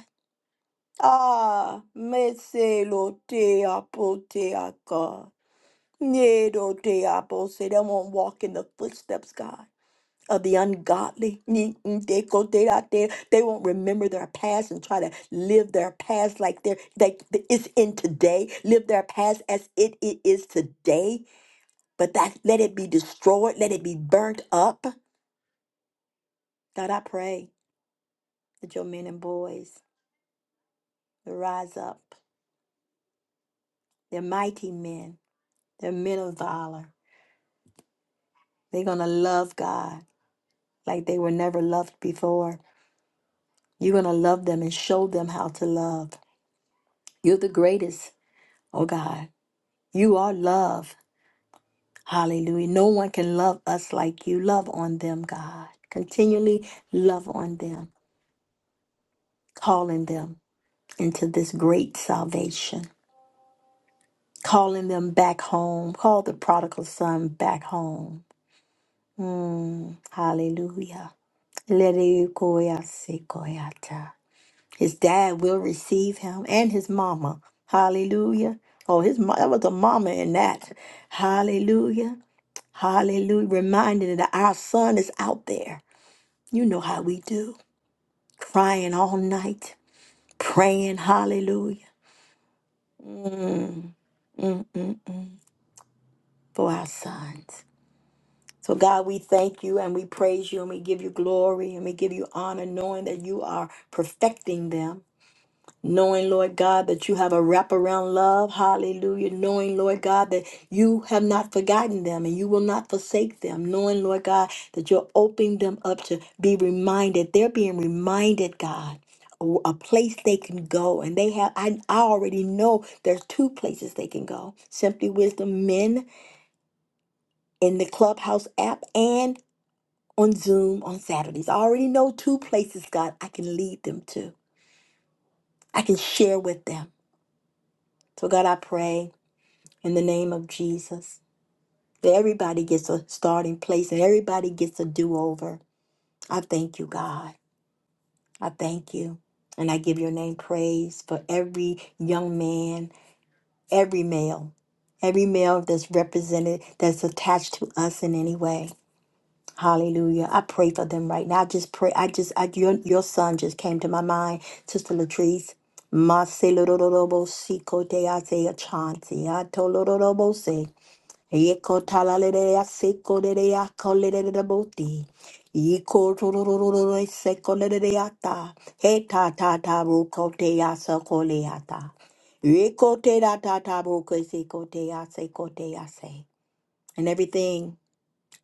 [SPEAKER 1] Ah, mese lo te apo te aka. Ne do te apo se they won't walk in the footsteps, God, of the ungodly. Ni- n- de ko te ra te. They won't remember their past and try to live their past like they're like it's in today. Live their past as it it is today But that let it be destroyed, let it be burnt up. God, I pray that your men and boys will rise up. They're mighty men. They're men of valor. They're gonna love God like they were never loved before. You're gonna love them and show them how to love. You're the greatest, oh God. You are love. Hallelujah. No one can love us like you. Love on them, God. Continually love on them, calling them into this great salvation. calling them back home. Call the prodigal son back home. Mm, hallelujah. Lerekoyasekoyata. His dad will receive him and his mama. Hallelujah. Oh, his mo- that was a mama in that. Hallelujah. Hallelujah. Reminding that our son is out there. You know how we do. Crying all night, praying, hallelujah, mm, for our sons. So, God, we thank you and we praise you and we give you glory and we give you honor, knowing that you are perfecting them. Knowing, Lord God, that you have a wraparound love. Hallelujah. Knowing, Lord God, that you have not forgotten them and you will not forsake them. Knowing, Lord God, that you're opening them up to be reminded. They're being reminded, God. A a place they can go, and they have. I, I already know there's two places they can go: Simply Wisdom Men in the Clubhouse app, and on Zoom on Saturdays. I already know two places, God, I can lead them to. I can share with them. So, God, I pray in the name of Jesus that everybody gets a starting place and everybody gets a do over. I thank you, God. I thank you. And I give your name praise for every young man, every male, every male that's represented, that's attached to us in any way. Hallelujah. I pray for them right now. I just pray. I just, I, your, your son just came to my mind, Sister Latrice. Masilorobo siko de ase achanti atolorobo se yeko talalere asiko de de akolere de boti yeko torororo seko de de ata he ta ta ta ruko de asako le ata yeko te da ta ta ruko seko de aseko de ase and everything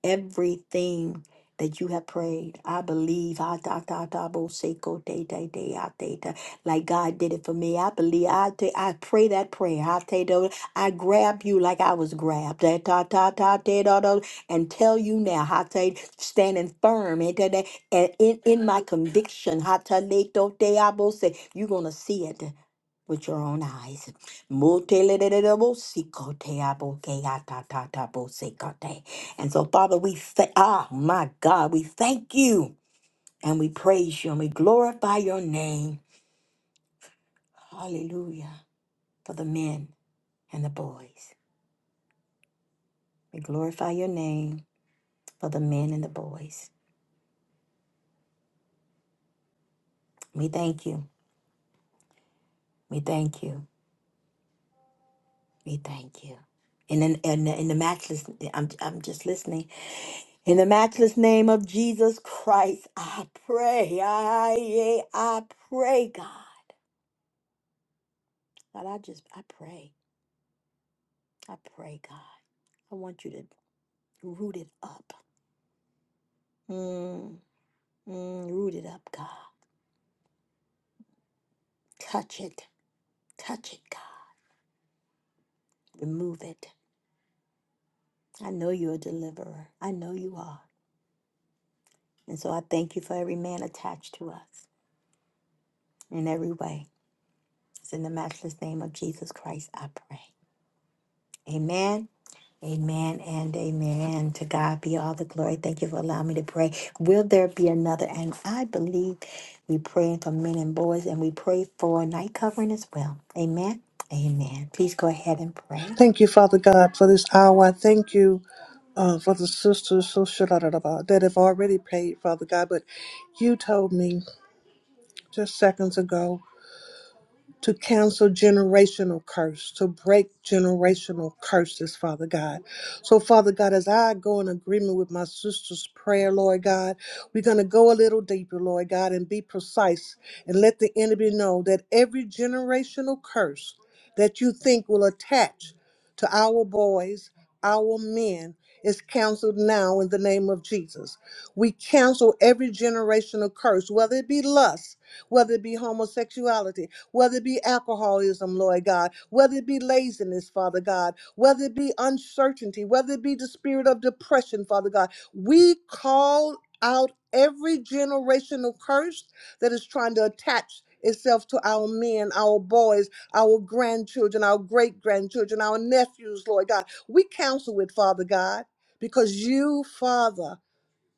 [SPEAKER 1] everything that you have prayed. I believe. ah, da, da, da, bo, se, ko, de, de, de, ah, de, da. Like God did it for me. I believe. I, te- I pray that prayer. I, te, do, I grab you like I was grabbed. Da, da, da, da, da, da, da. And tell you now, I tell you, standing firm eh, da, da, and in, in my conviction, ha, ta, le, do, de, ah, bo, se, you're going to see it with your own eyes. Motelelelebosikoteabokeatatatabo-sekote. And so, Father, we thank, ah, my God, we thank you and we praise you and we glorify your name. Hallelujah. For the men and the boys. We glorify your name for the men and the boys. We thank you. We thank you. We thank you. In, in, in the matchless, I'm, I'm just listening In the matchless name of Jesus Christ, I pray. I, I, I pray, God. God, I just, I pray. I pray, God. I want you to root it up. Mm, mm, root it up, God. Touch it. Touch it, God. Remove it. I know you're a deliverer. I know you are. And so I thank you for every man attached to us in every way. It's in the matchless name of Jesus Christ, I pray. Amen. Amen and amen. To God be all the glory. Thank you for allowing me to pray. Will there be another? And I believe we praying for men and boys and we pray for night covering as well. Amen. Amen. Please go ahead and pray.
[SPEAKER 6] Thank you, Father God, for this hour. I thank you uh, for the sisters so shalala that have already prayed, Father God. But you told me just seconds ago to cancel generational curse, to break generational curses, Father God. So, Father God, as I go in agreement with my sister's prayer, Lord God, we're going to go a little deeper, Lord God, and be precise and let the enemy know that every generational curse that you think will attach to our boys, our men, is canceled now in the name of Jesus. We cancel every generational curse, whether it be lust whether it be homosexuality, whether it be alcoholism, Lord God, whether it be laziness, Father God, whether it be uncertainty, whether it be the spirit of depression, Father God. We call out every generational curse that is trying to attach itself to our men, our boys, our grandchildren, our great grandchildren, our nephews, Lord God. We counsel with Father God because you, Father,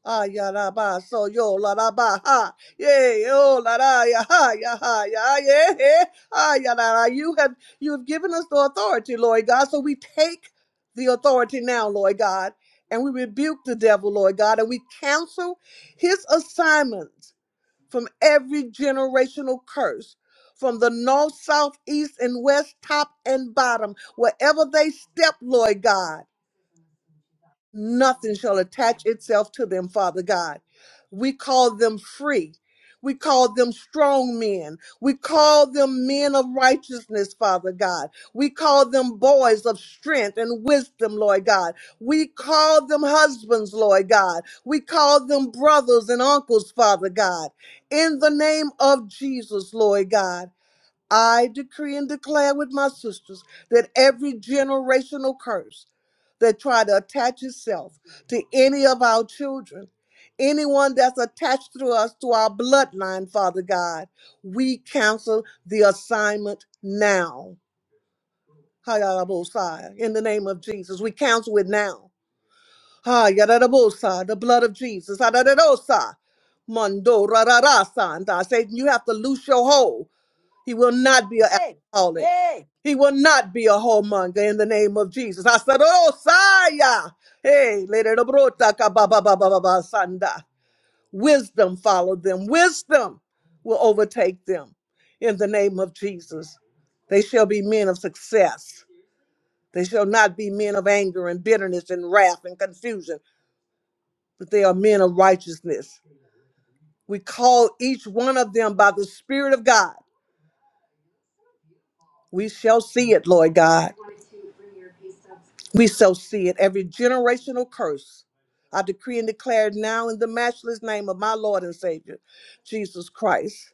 [SPEAKER 6] Ah, ya la ba, so yo la la ba ha, yay, oh la la ya ha ya ha ya yeah, yeah. ah ya la la. You have you have given us the authority, Lord God. So we take the authority now, Lord God, and we rebuke the devil, Lord God, and we cancel his assignments from every generational curse. From the north, south, east, and west, top and bottom, wherever they step, Lord God nothing shall attach itself to them, Father God. We call them free. We call them strong men. We call them men of righteousness, Father God. We call them boys of strength and wisdom, Lord God. We call them husbands, Lord God. We call them brothers and uncles, Father God. In the name of Jesus, Lord God. I decree and declare with my sisters that every generational curse that try to attach itself to any of our children, anyone that's attached to us to our bloodline, Father God, we cancel the assignment now. Ha-ya-da-bo-sai. In the name of Jesus, we cancel it now. Ha-ya-da-da-bo-sai, The blood of Jesus. Ha-da-da-do-sai. Mando ra ra ra, sa. And I say you have to loose your hold. He will not be an
[SPEAKER 1] Yay!
[SPEAKER 6] alcoholic.
[SPEAKER 1] Yay!
[SPEAKER 6] He will not be a whoremonger in the name of Jesus. I said, Oh, Saya. Hey, Lady Dobrota ka ba ba ba ba ba ba Sanda. Wisdom followed them. Wisdom will overtake them in the name of Jesus. They shall be men of success. They shall not be men of anger and bitterness and wrath and confusion, but they are men of righteousness. We call each one of them by the Spirit of God. We shall see it, Lord God. We so see it. Every generational curse, I decree and declare now in the matchless name of my Lord and Savior, Jesus Christ,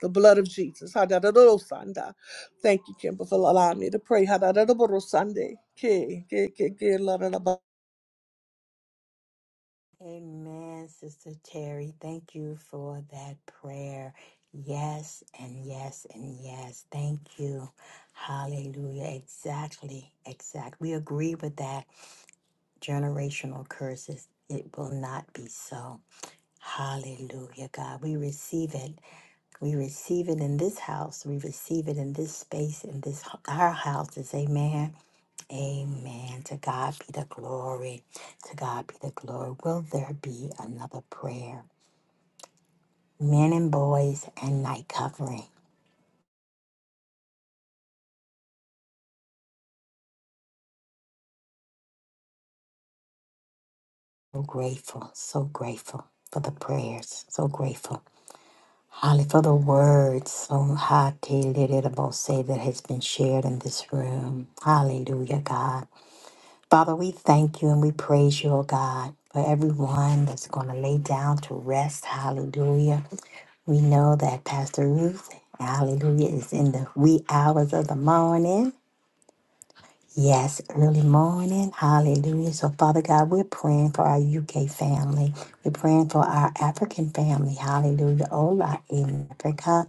[SPEAKER 6] the blood of Jesus. Hadadadadosanda. Thank you, Kimber, for allowing me to pray. Hadadadadabodosande. Ke- ke- ke- ke- la- la- la- ba-
[SPEAKER 1] Amen, Sister Terry. Thank you for that prayer. Yes, and yes, and yes. Thank you. Hallelujah. Exactly. Exact. We agree with that. generational curses. It will not be so. Hallelujah, God. We receive it. We receive it in this house. We receive it in this space, in this our houses. Amen. Amen. To God be the glory. To God be the glory. Will there be another prayer? Men and boys and night covering. So grateful. So grateful for the prayers. So grateful. Holly, for the words so highly say that has been shared in this room. Hallelujah, God. Father, we thank you and we praise you, oh God, for everyone that's going to lay down to rest. Hallelujah. We know that Pastor Ruth, hallelujah, is in the wee hours of the morning. Yes, early morning. Hallelujah. So, Father God, we're praying for our UK family. We're praying for our African family. Hallelujah. Ola in Africa.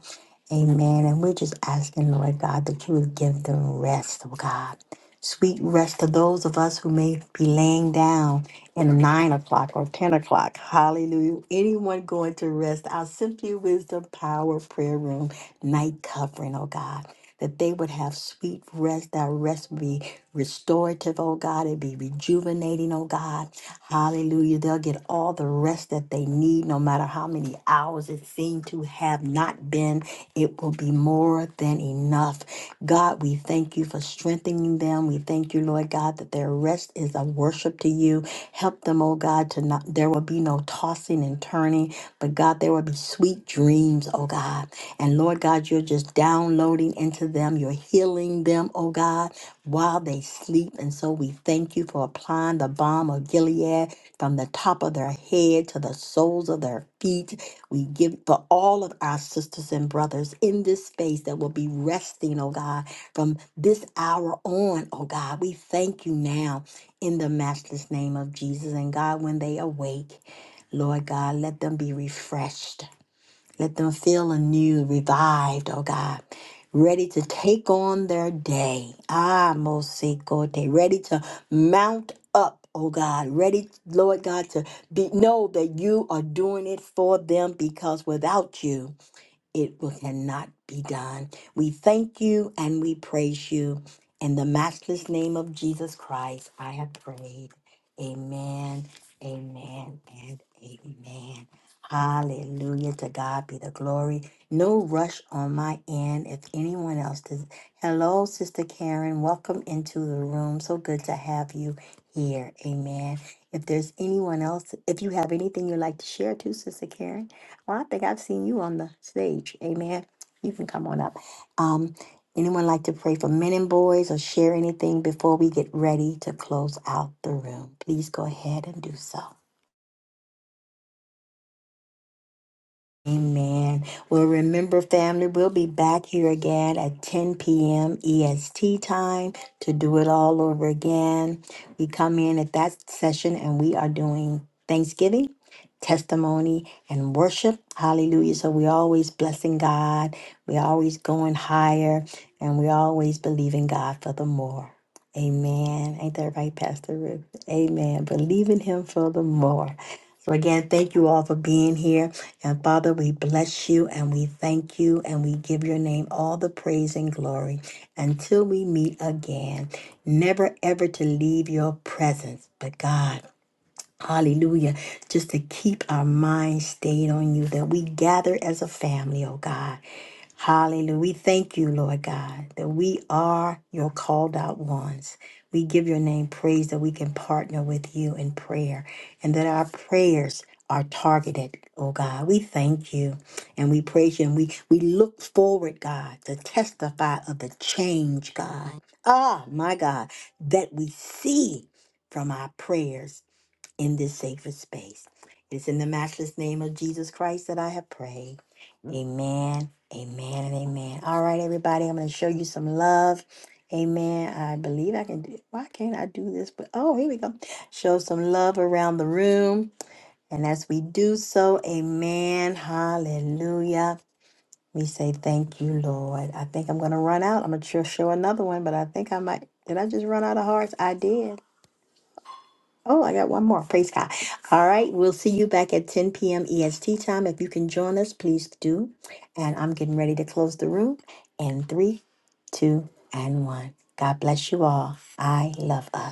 [SPEAKER 1] Amen. And we're just asking, Lord God, that you would give them rest, oh God. Sweet rest to those of us who may be laying down in nine o'clock or 10 o'clock. Hallelujah. Anyone going to rest, our Simply Wisdom Power Prayer Room night covering, oh God, that they would have sweet rest. That rest would be restorative, oh God. It'd be rejuvenating, oh God. Hallelujah. They'll get all the rest that they need, no matter how many hours it seemed to have not been. It will be more than enough. God, we thank you for strengthening them. We thank you, Lord God, that their rest is a worship to you. Help them, oh God, to not, there will be no tossing and turning, but God, there will be sweet dreams, oh God. And Lord God, you're just downloading into them. You're healing them, oh God while they sleep. And so we thank you for applying the balm of Gilead from the top of their head to the soles of their feet. We give for all of our sisters and brothers in this space that will be resting, oh God, from this hour on, oh God. We thank you now in the matchless name of Jesus. And God, when they awake, Lord God, let them be refreshed. Let them feel anew, revived, oh God, ready to take on their day. Ah, Mosiko Day, ready to mount up, oh God, ready, Lord God, to be know that you are doing it for them because without you it will cannot be done. We thank you and we praise you. In the matchless name of Jesus Christ, I have prayed. Amen, amen, and amen. Hallelujah. To God be the glory. No rush on my end. If anyone else does. Hello, Sister Karen. Welcome into the room. So good to have you here. Amen. If there's anyone else, if you have anything you'd like to share too, Sister Karen. Well, I think I've seen you on the stage. Amen. You can come on up. Um, anyone like to pray for men and boys or share anything before we get ready to close out the room? Please go ahead and do so. Amen. Well, remember, family, we'll be back here again at 10 p.m. EST time to do it all over again. We come in at that session and we are doing Thanksgiving, testimony, and worship. Hallelujah. So we're always blessing God. We're always going higher and we always believe in God for the more. Amen. Ain't that right, Pastor Ruth? Amen. Believe in Him for the more. So again, thank you all for being here. And Father, we bless you and we thank you and we give your name all the praise and glory until we meet again. Never ever to leave your presence, but God. Hallelujah. Just to keep our minds stayed on you, that we gather as a family, oh God. Hallelujah. We thank you, Lord God, that we are your called out ones. We give your name praise that we can partner with you in prayer and that our prayers are targeted, oh God. We thank you and we praise you and we, we look forward, God, to testify of the change, God. Ah, my God, that we see from our prayers in this sacred space. It is in the matchless name of Jesus Christ that I have prayed. Amen, amen, and amen. All right, everybody, I'm going to show you some love. Amen. I believe I can do it. Why can't I do this? But oh, here we go. Show some love around the room. And as we do so, amen. Hallelujah. We say thank you, Lord. I think I'm going to run out. I'm going to show another one, but I think I might. Did I just run out of hearts? I did. Oh, I got one more. Praise God. All right. We'll see you back at 10 p.m. EST time. If you can join us, please do. And I'm getting ready to close the room in three, two, and one. God bless you all. I love us.